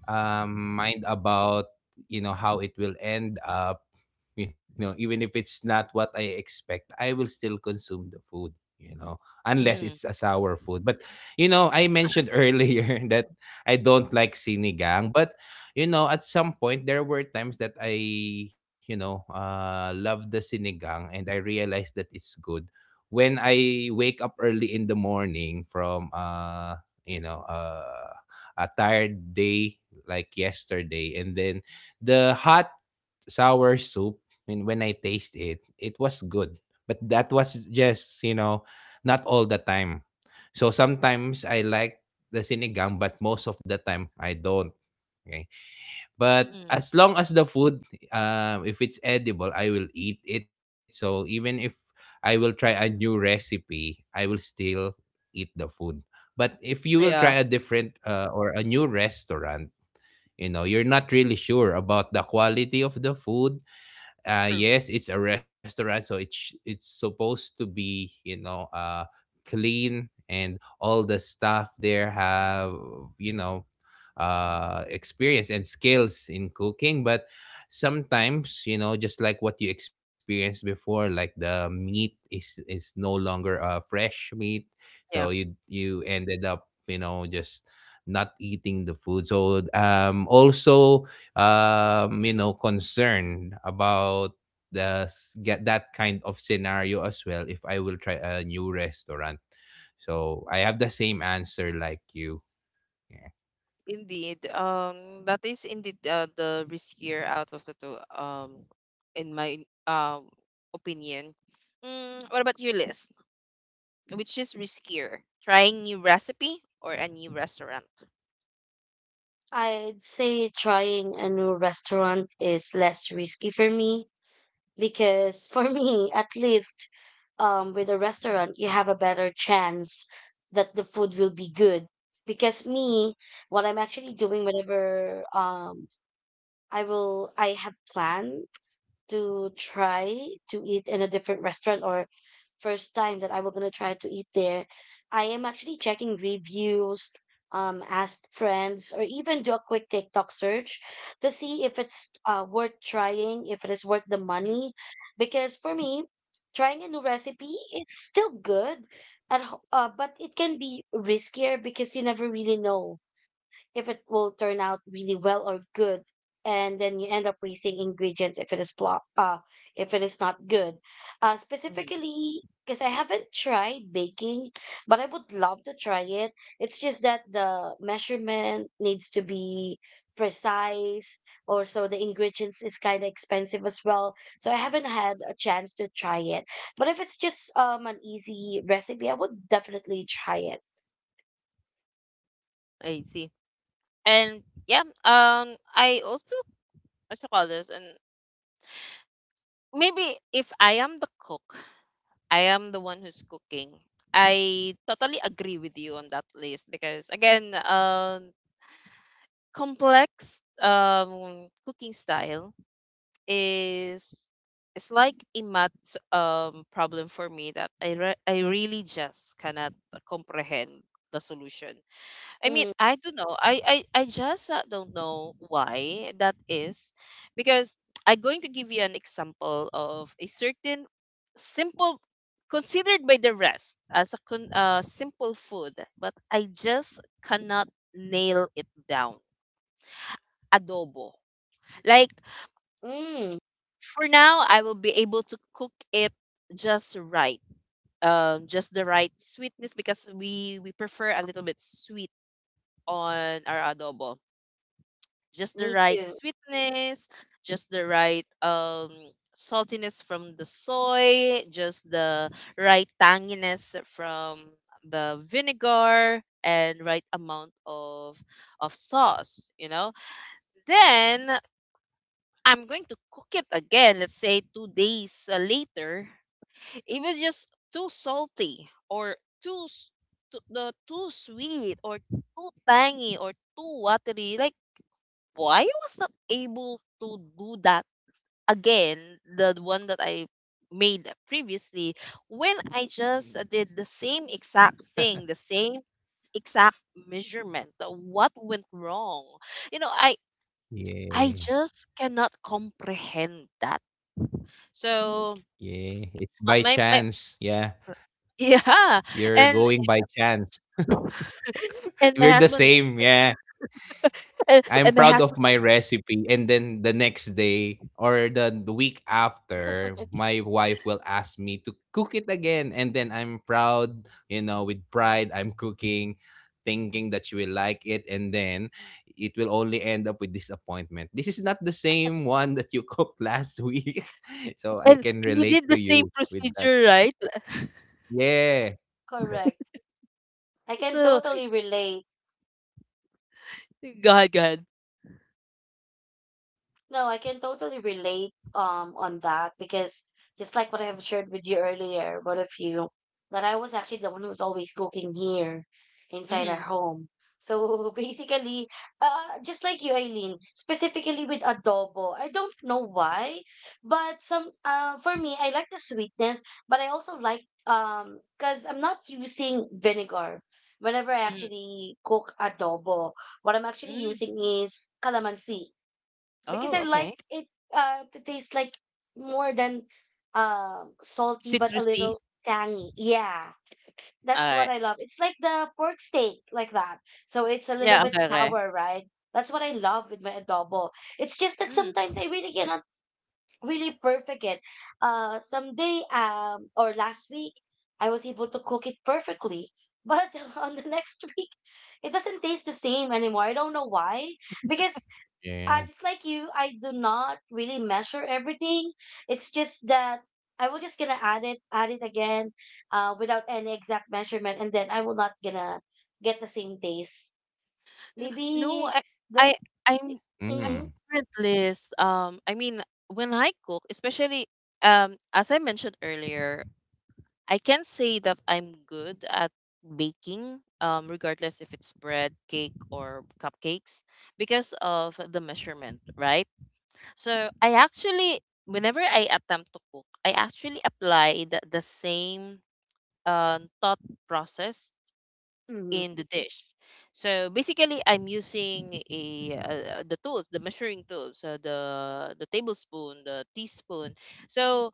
Speaker 3: mind about, you know, how it will end up. You know, even if it's not what I expect, I will still consume the food, you know, unless it's
Speaker 1: Mm,
Speaker 3: a sour food. But you know, I mentioned earlier that I don't like sinigang, but you know, at some point there were times that I, you know, love the sinigang, and I realized that it's good when I wake up early in the morning from a tired day like yesterday, and then the hot sour soup, when I taste it, it was good. But that was just, you know, not all the time. So sometimes I like the sinigang, but most of the time I don't. Okay, but
Speaker 1: mm,
Speaker 3: as long as the food, if it's edible, I will eat it. So even if I will try a new recipe, I will still eat the food. But if you will try a
Speaker 1: yeah.
Speaker 3: different or a new restaurant, you know, you're not really sure about the quality of the food.
Speaker 1: True.
Speaker 3: Yes, it's a restaurant, so it's supposed to be, you know, clean, and all the staff there have, you know, experience and skills in cooking. But sometimes, you know, just like what you experienced before, like the meat is no longer fresh meat, so you ended up, you know, just not eating the food. So also, you know, concerned about get that kind of scenario as well If I will try a new restaurant, so I have the same answer like you. Yeah.
Speaker 1: Indeed, that is indeed the riskier out of the two, in my um opinion. Mm, what about your list? Which is riskier, trying new recipe or a new restaurant?
Speaker 2: I'd say trying a new restaurant is less risky for me because for me, at least, with a restaurant, you have a better chance that the food will be good. Because
Speaker 1: Mhm,
Speaker 2: me, what I'm actually doing whenever I have planned to try to eat in a different restaurant, or first time that I were gonna try to eat there, I am actually checking reviews, ask friends, or even do a quick TikTok search to see if it's worth trying, if it is worth the money. Because for me, trying a new recipe, it's still good, but it can be riskier because you never really know if it will turn out really well or good, and then you end up wasting ingredients if it is if it is not good. Uh,
Speaker 1: mhm.
Speaker 2: specifically because I haven't tried baking, but I would love to try it. It's just that the measurement needs to be precise, or so the ingredients is kind of expensive as well, so I haven't had a chance to try it. But if it's just an easy recipe, I would definitely try it.
Speaker 1: I see. And yeah, I also what you call this, and maybe if I am the cook, I am the one who's cooking. I totally agree with you on that list because again, complex um cooking style is it's like a math problem for me that I really just cannot comprehend the solution. I mean,
Speaker 2: Mm,
Speaker 1: I don't know. I just don't know why that is, because I'm going to give you an example of a certain simple, considered by the rest as a simple food, but I just cannot nail it down. Adobo. Like,
Speaker 2: mm,
Speaker 1: for now, I will be able to cook it just right, just the right sweetness because we prefer a little bit sweet on our adobo, just the
Speaker 2: me
Speaker 1: right
Speaker 2: too.
Speaker 1: sweetness, just the right saltiness from the soy, just the right tanginess from the vinegar, and right amount of sauce, you know. Then I'm going to cook it again, let's say 2 days later. It was just too salty or too s- too sweet or too tangy or too watery. Like, why I was not able to do that again, the one that I made previously, when I just did the same exact thing, the same exact measurement. What went wrong? You know, I
Speaker 3: Mm.
Speaker 1: just cannot comprehend that. So
Speaker 3: Yeah, yeah, it's by
Speaker 1: my
Speaker 3: chance. Yeah,
Speaker 1: yeah,
Speaker 3: you're
Speaker 1: and
Speaker 3: going by chance.
Speaker 1: and my
Speaker 3: We're the
Speaker 1: husband
Speaker 3: same, yeah. I'm
Speaker 1: and my
Speaker 3: proud of
Speaker 1: husband
Speaker 3: my recipe and then the next day or the week after my wife will ask me to cook it again and then I'm proud, with pride I'm cooking, thinking that she will like it and then it will only end up with disappointment. This is not the same one that you cooked last week. So I
Speaker 1: and
Speaker 3: can
Speaker 1: he did
Speaker 3: relate to
Speaker 1: the same
Speaker 3: you with that.
Speaker 1: procedure, right?
Speaker 3: Yeah.
Speaker 2: Correct. I can
Speaker 1: So
Speaker 2: totally relate.
Speaker 1: go ahead, go ahead.
Speaker 2: No, I can totally relate on that, because just like what I have shared with you earlier, both of you, that I was actually the one who's always cooking here inside our
Speaker 1: Mm-hmm.
Speaker 2: home. So basically, just like you, Eileen, specifically with adobo, I don't know why, but some for me, I like the sweetness, but I also like because I'm not using vinegar. Whenever I
Speaker 1: Mm-hmm.
Speaker 2: actually cook adobo, what I'm actually
Speaker 1: Mm.
Speaker 2: using is calamansi, because
Speaker 1: Oh,
Speaker 2: I like
Speaker 1: okay.
Speaker 2: it to taste like, more than salty but a
Speaker 1: Citrusy.
Speaker 2: little tangy. Yeah. That's what
Speaker 1: Alright.
Speaker 2: I love. It's like the pork steak like that. So it's a little
Speaker 1: Yeah,
Speaker 2: bit
Speaker 1: okay, okay.
Speaker 2: sour, right? That's what I love with my adobo. It's just that
Speaker 1: Hmm.
Speaker 2: sometimes I really cannot really perfect it. Uh, someday or last week I was able to cook it perfectly. But on the next week, it doesn't taste the same anymore. I don't know why. Because
Speaker 3: Yeah.
Speaker 2: just like you, I do not really measure everything. It's just that I will just gonna add it again, without any exact measurement, and then I will not gonna get the same taste.
Speaker 1: N- No,
Speaker 2: Maybe the
Speaker 1: I I'm I'm
Speaker 2: mm-hmm,
Speaker 3: Mm.
Speaker 1: different, Liz. I mean, when I cook, especially as I mentioned earlier, I can say that I'm good at baking, regardless if it's bread, cake, or cupcakes, because of the measurement, right? So I actually whenever I attempt to cook, I actually applied the same thought process
Speaker 2: mm-hmm.
Speaker 1: in the dish. So basically, I'm using a the tools, the measuring tools, the tablespoon, the teaspoon. So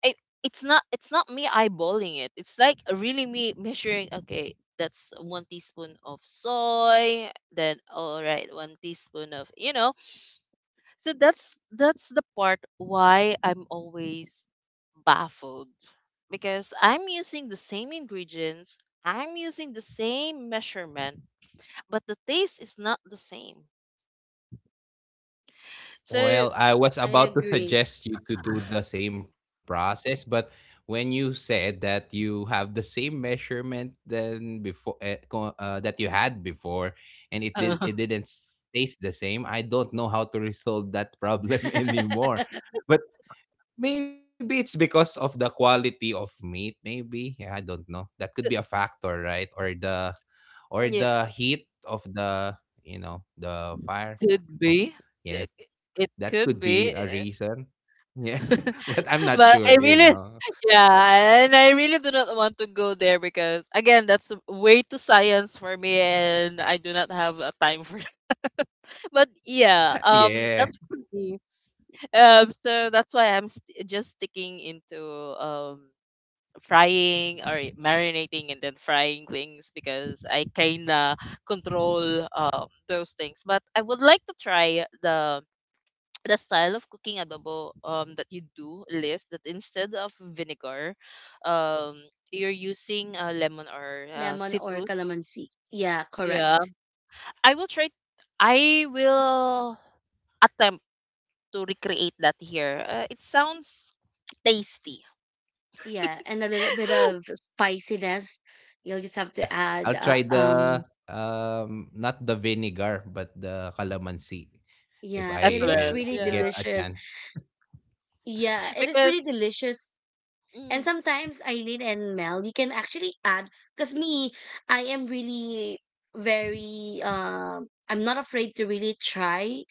Speaker 1: I, it's not me eyeballing it. It's like really me measuring. Okay, that's one teaspoon of soy. Then all right, one teaspoon of you know. So that's the part why I'm always baffled because I'm using the same ingredients. I'm using the same measurement but the taste is not the same. So
Speaker 3: Well, I was
Speaker 2: I
Speaker 3: about to
Speaker 2: agree.
Speaker 3: suggest you to do the same process, but when you said that you have the same measurement than before that you had before, and it did
Speaker 1: uh,
Speaker 3: it didn't taste the same, I don't know how to resolve that problem anymore. But maybe it's because of the quality of meat. Maybe, yeah, I don't know. That could be a
Speaker 1: th-
Speaker 3: factor, right? Or the, or
Speaker 1: Yeah,
Speaker 3: the heat of the, you know, the fire. Ah,
Speaker 1: could
Speaker 3: or,
Speaker 1: be. Uh,
Speaker 3: yeah.
Speaker 1: It
Speaker 3: That
Speaker 1: could
Speaker 3: could be
Speaker 1: be.
Speaker 3: a reason. Yeah, but I'm not
Speaker 1: But
Speaker 3: sure,
Speaker 1: I
Speaker 3: you
Speaker 1: really
Speaker 3: know.
Speaker 1: yeah, and I really do not want to go there because again, that's way too science for me and I do not have a time for that. But yeah,
Speaker 3: Yeah.
Speaker 1: that's for me. So that's why just sticking into um frying or marinating and then frying things because I kinda control those things. But I would like to try the style of cooking adobo that you do, Liz, that instead of vinegar, um you're using lemon or
Speaker 2: Lemon or
Speaker 1: citrus.
Speaker 2: calamansi. Yeah,
Speaker 1: Yeah.
Speaker 2: correct.
Speaker 1: I will try I will attempt to recreate that here. It sounds tasty
Speaker 2: Yeah, and a little bit
Speaker 3: Yeah.
Speaker 2: of
Speaker 3: That's the same
Speaker 2: spiciness.
Speaker 3: thoughts I
Speaker 2: You'll
Speaker 3: have.
Speaker 2: just have
Speaker 3: Yeah.
Speaker 2: to add.
Speaker 3: I'll try the not the vinegar but the calamansi if
Speaker 2: Yeah,
Speaker 1: as
Speaker 2: it
Speaker 3: I
Speaker 2: is
Speaker 1: well.
Speaker 3: will
Speaker 2: really
Speaker 1: Yeah.
Speaker 3: get a
Speaker 2: delicious.
Speaker 3: chance.
Speaker 2: Yeah, it is
Speaker 1: Because
Speaker 2: really delicious. And
Speaker 1: mm,
Speaker 2: sometimes Eileen and Mel, you can actually add, because me, I am really very I'm not afraid to really try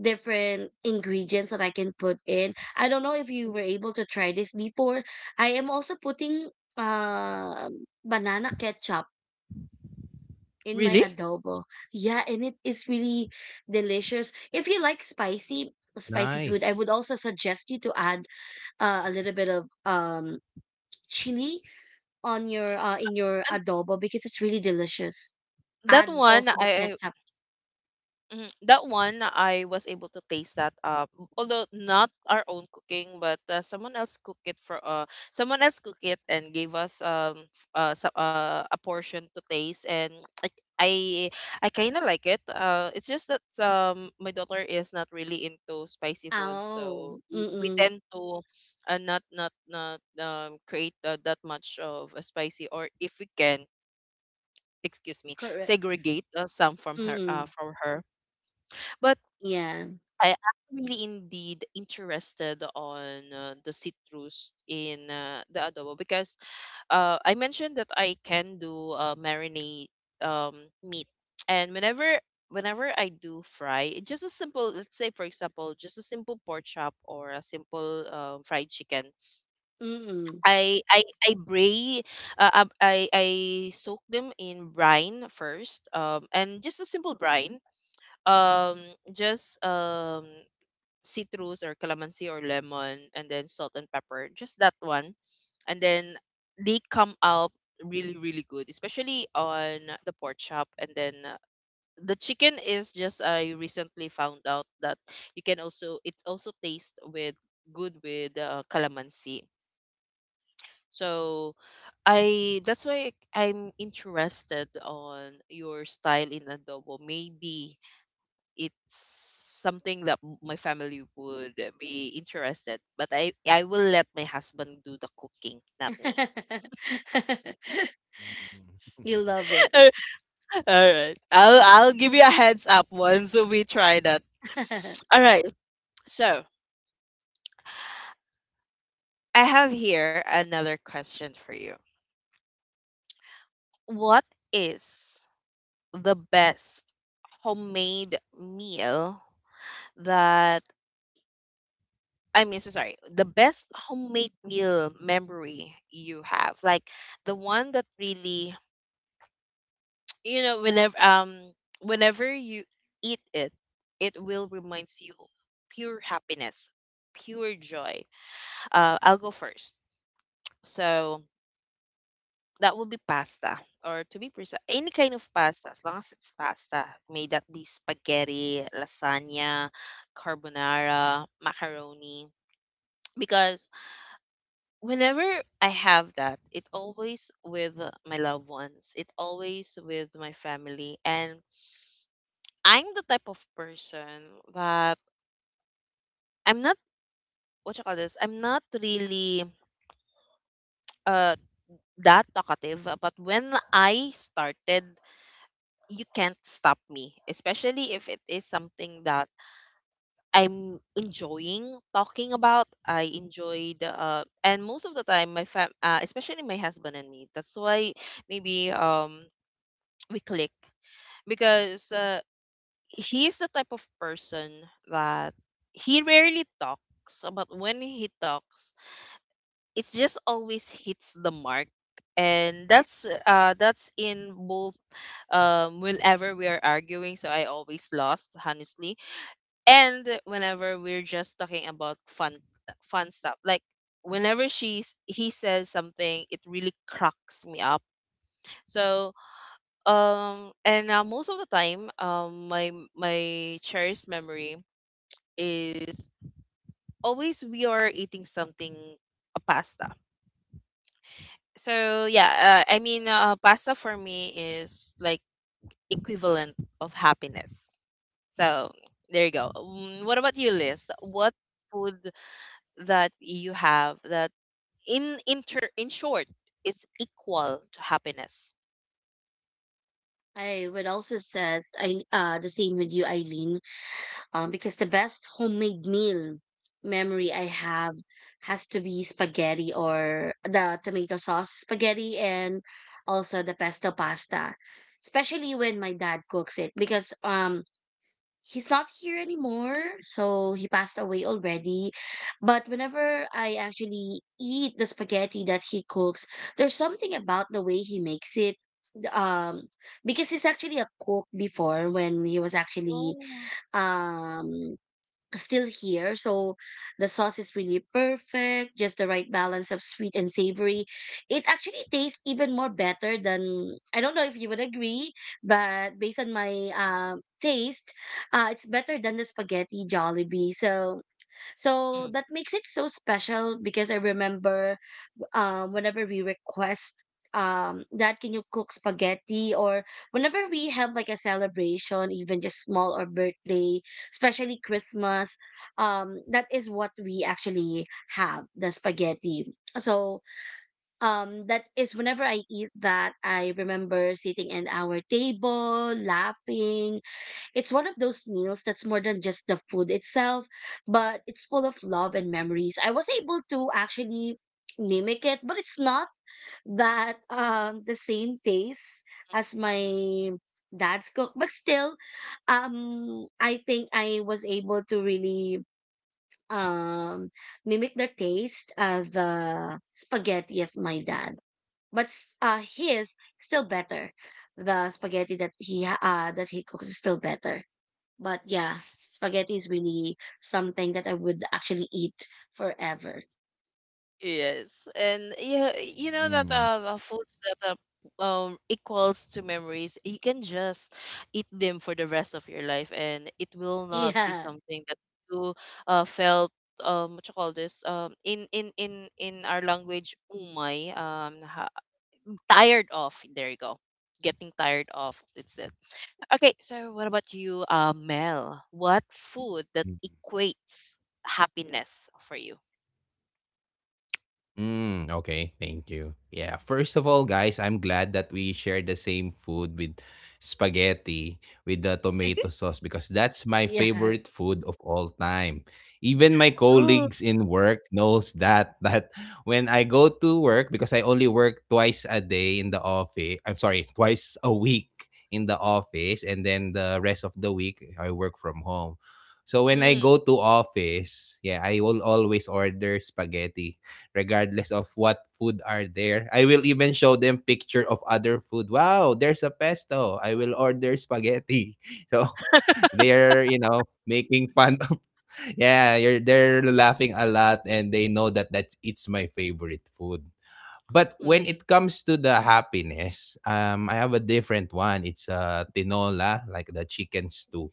Speaker 2: different ingredients that I can put in. I don't know if you were able to try this before. I am also putting banana ketchup in my
Speaker 1: really?
Speaker 2: adobo. Yeah, and it is really delicious. If you like spicy food, I
Speaker 3: Nice.
Speaker 2: would also suggest you to add a little bit of chili on your in your adobo because it's really delicious.
Speaker 1: That
Speaker 2: Add
Speaker 1: one
Speaker 2: also the
Speaker 1: I
Speaker 2: ketchup.
Speaker 1: Mhm, that one I was able to taste that although not our own cooking but someone else cook it for someone else cook it and gave us a portion to taste and I I, I kind of like it. Uh, it's just that my daughter is not really into spicy food so
Speaker 2: Oh,
Speaker 1: we
Speaker 2: mm-mm.
Speaker 1: tend to not create that much of a spicy, or if we can, excuse me,
Speaker 2: Correct.
Speaker 1: segregate some from her
Speaker 2: Mm-mm.
Speaker 1: from her. But
Speaker 2: Yeah.
Speaker 1: I am really indeed interested on the citrus in the adobo because I mentioned that I can do marinate um, meat, and whenever I do fry, just a simple, let's say for example, just a simple pork chop or a simple fried chicken,
Speaker 2: Mm-mm.
Speaker 1: I bray ab- I soak them in brine first um, and just a simple brine, um, just citrus or calamansi or lemon and then salt and pepper, just that one, and then they come out really really good, especially on the pork chop. And then the chicken is just I recently found out that you can also it also tastes with good with calamansi. So I that's why I'm interested on your style in adobo. Maybe it's something that my family would be interested, but I will let my husband do the cooking, not me.
Speaker 2: You love it.
Speaker 1: All right. I'll give you a heads up once we try that. All right. So, I have here another question for you. What is the best homemade meal that I mean, so sorry, the best homemade meal memory you have, like the one that really, you know, whenever whenever you eat it, it will reminds you pure happiness, pure joy. I'll go first. So that will be pasta, or to be precise, any kind of pasta, as long as it's pasta. May that be spaghetti, lasagna, carbonara, macaroni, because whenever I have that, it always with my loved ones. It always with my family. And I'm the type of person that I'm not what you call this. I'm not really uh that talkative. But when I started, you can't stop me. Especially if it is something that I'm enjoying talking about. I enjoyed and most of the time my fam especially my husband and me. That's why maybe we click because he's the type of person that he rarely talks, but when he talks, it just always hits the mark. And that's in both whenever we are arguing, so I always lost, honestly. And whenever we're just talking about fun fun stuff. Like, whenever she's he says something, it really cracks me up. So um, and most of the time, my cherished memory is always we are eating something, a pasta. So yeah, pasta for me is like equivalent of happiness. So there you go. Mm, what about you,
Speaker 3: Nice.
Speaker 1: Liz? What food that you have that in short, it's equal to happiness?
Speaker 2: I would also says I the same with you, Eileen. Because the best homemade meal memory I have has to be spaghetti, or the tomato sauce spaghetti, and also the pesto pasta, especially when my dad cooks it, because he's not here anymore, so he passed away already. But whenever I actually eat the spaghetti that he cooks, there's something about the way he makes it. Um, because he's actually a cook before when he was actually
Speaker 1: Oh.
Speaker 2: um still here. So the sauce is really perfect, just the right balance of sweet and savory. It actually tastes even more better than, I don't know if you would agree, but based on my taste, it's better than the spaghetti Jollibee. So so that makes it so special because I remember whenever we request that, can you cook spaghetti, or whenever we have like a celebration, even just small, or birthday, especially Christmas, that is what we actually have, the spaghetti. So that is, whenever I eat that, I remember sitting at our table laughing. It's one of those meals that's more than just the food itself, but it's full of love and memories. I was able to actually mimic it, but it's not that the same taste as my dad's cook, but still I think I was able to really um mimic the taste of the spaghetti of my dad. But his still better. The spaghetti that that he cooks is still better. But yeah, spaghetti is really something that I would actually eat forever.
Speaker 1: Yes, and yeah, you know that
Speaker 3: Mm.
Speaker 1: the foods that equals to memories, you can just eat them for the rest of your life, and it will not be
Speaker 2: Yeah.
Speaker 1: something that you felt what you call this in our language umay tired of. There you go, getting tired of. It's it. Okay, so what about you, Mel? What food that equates happiness for you?
Speaker 3: Mm, okay, thank you. Yeah, first of all, guys, I'm glad that we shared the same food with spaghetti with the tomato sauce, because that's my
Speaker 2: Yeah.
Speaker 3: favorite food of all time. Even my
Speaker 1: Ooh.
Speaker 3: colleagues in work knows that that when I go to work, because I only work twice a day in the office. I'm sorry, twice a week in the office, and then the rest of the week I work from home. So when I
Speaker 1: Mm,
Speaker 3: go to office, yeah, I will always order spaghetti regardless of what food are there. I will even show them picture of other food. Wow, there's a pesto. I will order spaghetti. So they're, you know, making fun of. Yeah, you're, they're laughing a lot and they know that that's it's my favorite food. But when
Speaker 1: mm.
Speaker 3: it comes to the happiness, I have a different one. It's tinola, like the chicken stew.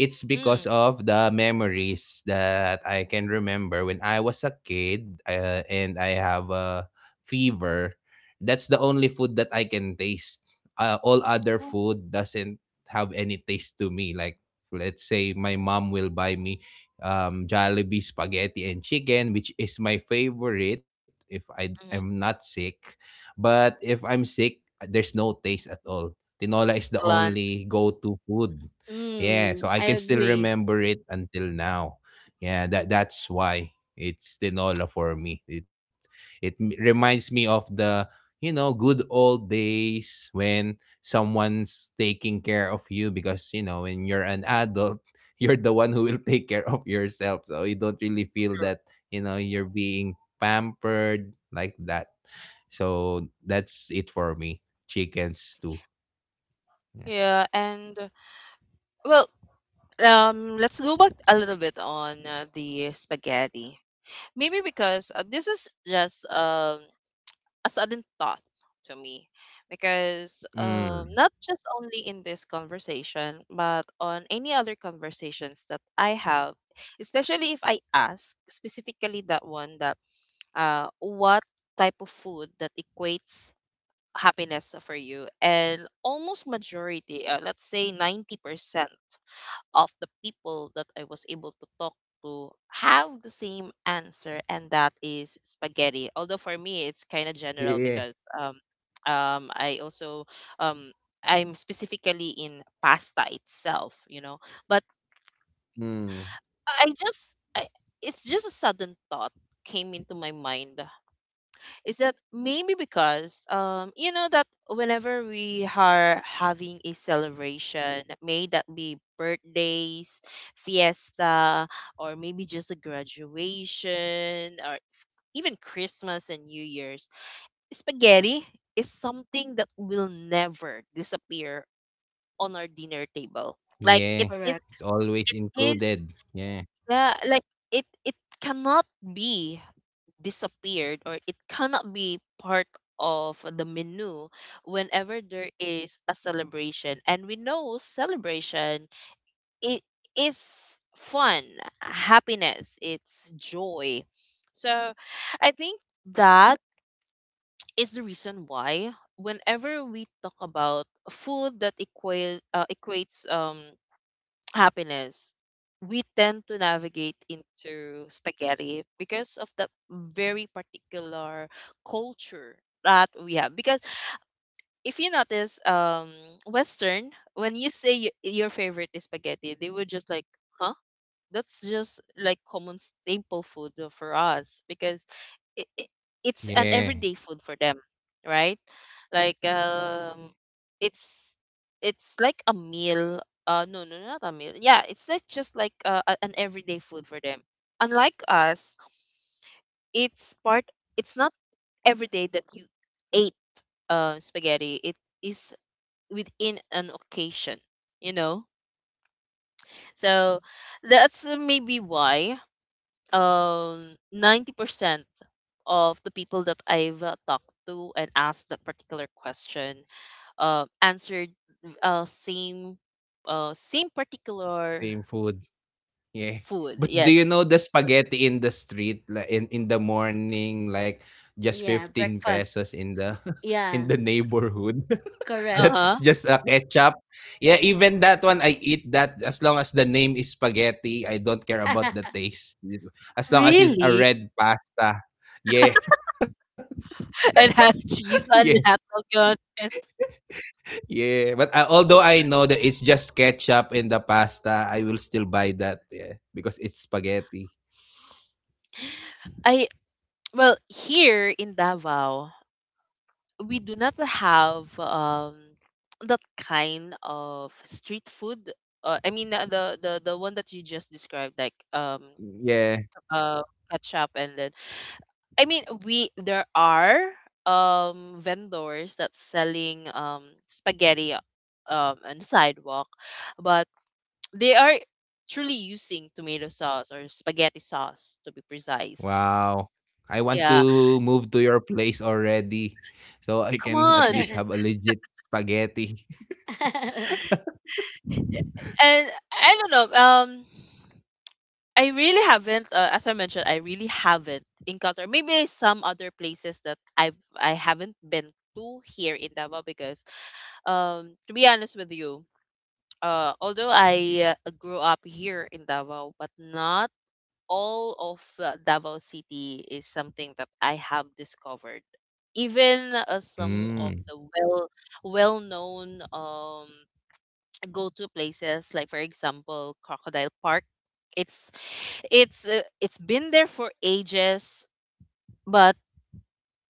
Speaker 3: It's because
Speaker 1: Mm.
Speaker 3: of the memories that I can remember when I was a kid, and I have a fever. That's the only food that I can taste. All other food doesn't have any taste to me. Like, let's say my mom will buy me Jollibee spaghetti and chicken, which is my favorite if I
Speaker 1: Mhm.
Speaker 3: am not sick. But if I'm sick, there's no taste at all. Tinola is the
Speaker 1: Gland,
Speaker 3: only go-to food. Yeah,
Speaker 2: Mm,
Speaker 3: so
Speaker 2: I
Speaker 3: I can still
Speaker 2: agree.
Speaker 3: remember it until now. Yeah, that that's why it's tinola for me. It reminds me of the, you know, good old days when someone's taking care of you, because you know when you're an adult, you're the one who will take care of yourself. So you don't really feel
Speaker 1: true.
Speaker 3: that, you know, you're being pampered like that. So that's it for me. Chickens too. Yeah.
Speaker 1: Yeah, and well, let's go back a little bit on the spaghetti. Maybe because this is just a sudden thought to me, because
Speaker 3: Mm.
Speaker 1: not just only in this conversation, but on any other conversations that I have, especially if I ask specifically that one that what type of food that equates happiness for you, and almost majority let's say 90% of the people that I was able to talk to have the same answer, and that is spaghetti. Although for me it's kind of general
Speaker 3: Yeah.
Speaker 1: because um I also um I'm specifically in pasta itself, you know. But
Speaker 3: Mm.
Speaker 1: I, it's just a sudden thought came into my mind is that maybe because you know that whenever we are having a celebration, may that be birthdays, fiesta, or maybe just a graduation, or even Christmas and New Year's, spaghetti is something that will never disappear on our dinner table. Like
Speaker 3: Yeah,
Speaker 1: it is
Speaker 3: it's
Speaker 2: Correct.
Speaker 3: always
Speaker 1: it is,
Speaker 3: included. Yeah,
Speaker 1: yeah, like it cannot be disappeared or it cannot be part of the menu whenever there is a celebration. And we know celebration it is fun, happiness, it's joy. So I think that is the reason why whenever we talk about food that equates happiness, we tend to navigate into spaghetti because of that very particular culture that we have. Because if you notice, Western, when you say your favorite is spaghetti, they would just like, huh? That's just like common staple food for us. Because it, it, it's an
Speaker 3: yeah,
Speaker 1: everyday food for them, right? Like it's it's like a meal. No, no, not a meal. Yeah, it's not just like an everyday food for them. Unlike us, it's part. It's not every day that you ate spaghetti. It is within an occasion, you know. So that's maybe why um 90% of the people that I've talked to and asked that particular question answered uh same same particular
Speaker 3: same food. Yeah.
Speaker 1: food.
Speaker 3: But do
Speaker 1: Yes.
Speaker 3: you know the spaghetti in the street, like in the morning, like just 15
Speaker 2: Yeah,
Speaker 3: pesos
Speaker 2: breakfast.
Speaker 3: in the in the
Speaker 2: Yeah,
Speaker 3: neighborhood. That's
Speaker 2: correct.
Speaker 1: Uh-huh.
Speaker 3: just a ketchup. Yeah, even that one I eat that, as long as the name is spaghetti, I don't care about the taste. As long as it's a
Speaker 1: Really?
Speaker 3: red pasta. Yeah.
Speaker 1: And has cheese
Speaker 3: Yeah.
Speaker 1: and hot dog on it.
Speaker 3: Yeah, but although I know that it's just ketchup in the pasta, I will still buy that. Yeah, because it's spaghetti.
Speaker 1: I Well, here in Davao we do not have that kind of street food. The the one that you just described, like
Speaker 3: Yeah.
Speaker 1: uh, ketchup, and then I mean we there are vendors that's selling spaghetti on the sidewalk, but they are truly using tomato sauce or spaghetti sauce to be precise.
Speaker 3: Wow. I want
Speaker 1: Yeah,
Speaker 3: to move to your place already so I
Speaker 1: come
Speaker 3: can at
Speaker 1: on.
Speaker 3: least have a legit spaghetti.
Speaker 1: And I don't know I really haven't as I mentioned, I really haven't encountered maybe some other places that I've I haven't been to here in Davao because um, to be honest with you, although I grew up here in Davao, but not all of Davao City is something that I have discovered. Even some of
Speaker 3: Mm.
Speaker 1: the well well known go to places, like for example Crocodile Park. It's it's been there for ages, but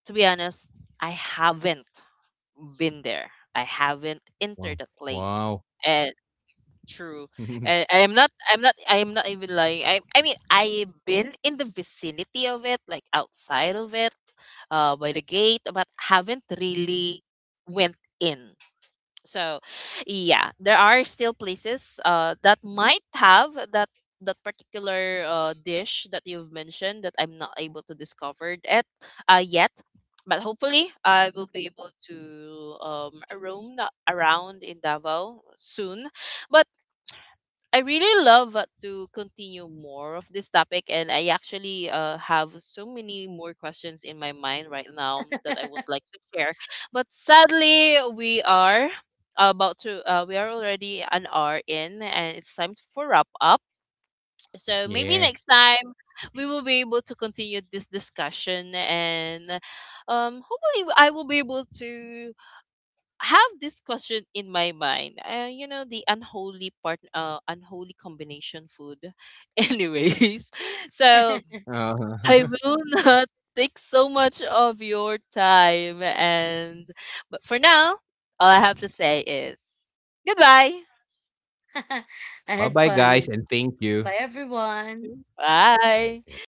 Speaker 1: to be honest, I haven't been there. I haven't entered
Speaker 3: Wow.
Speaker 1: the place.
Speaker 3: Wow.
Speaker 1: True. And I am not even lying. I mean, I've been in the vicinity of it, like outside of it, by the gate, but haven't really went in. So yeah, there are still places that might have that that particular dish that you've mentioned that I'm not able to discover it yet. But hopefully I will be able to roam around in Davao soon. But I really love to continue more of this topic, and I actually have so many more questions in my mind right now that I would like to share. But sadly, we are about to, we are already an hour in, and it's time for wrap up. So maybe
Speaker 3: Yeah.
Speaker 1: next time we will be able to continue this discussion, and hopefully I will be able to have this question in my mind. You know, the unholy part, unholy combination food. Anyways, so
Speaker 3: Uh,
Speaker 1: I will not take so much of your time. And but for now, all I have to say is goodbye.
Speaker 2: I
Speaker 3: bye
Speaker 2: had
Speaker 3: bye, guys,
Speaker 2: fun.
Speaker 3: and thank you.
Speaker 2: Bye, everyone.
Speaker 1: Bye.
Speaker 3: Okay.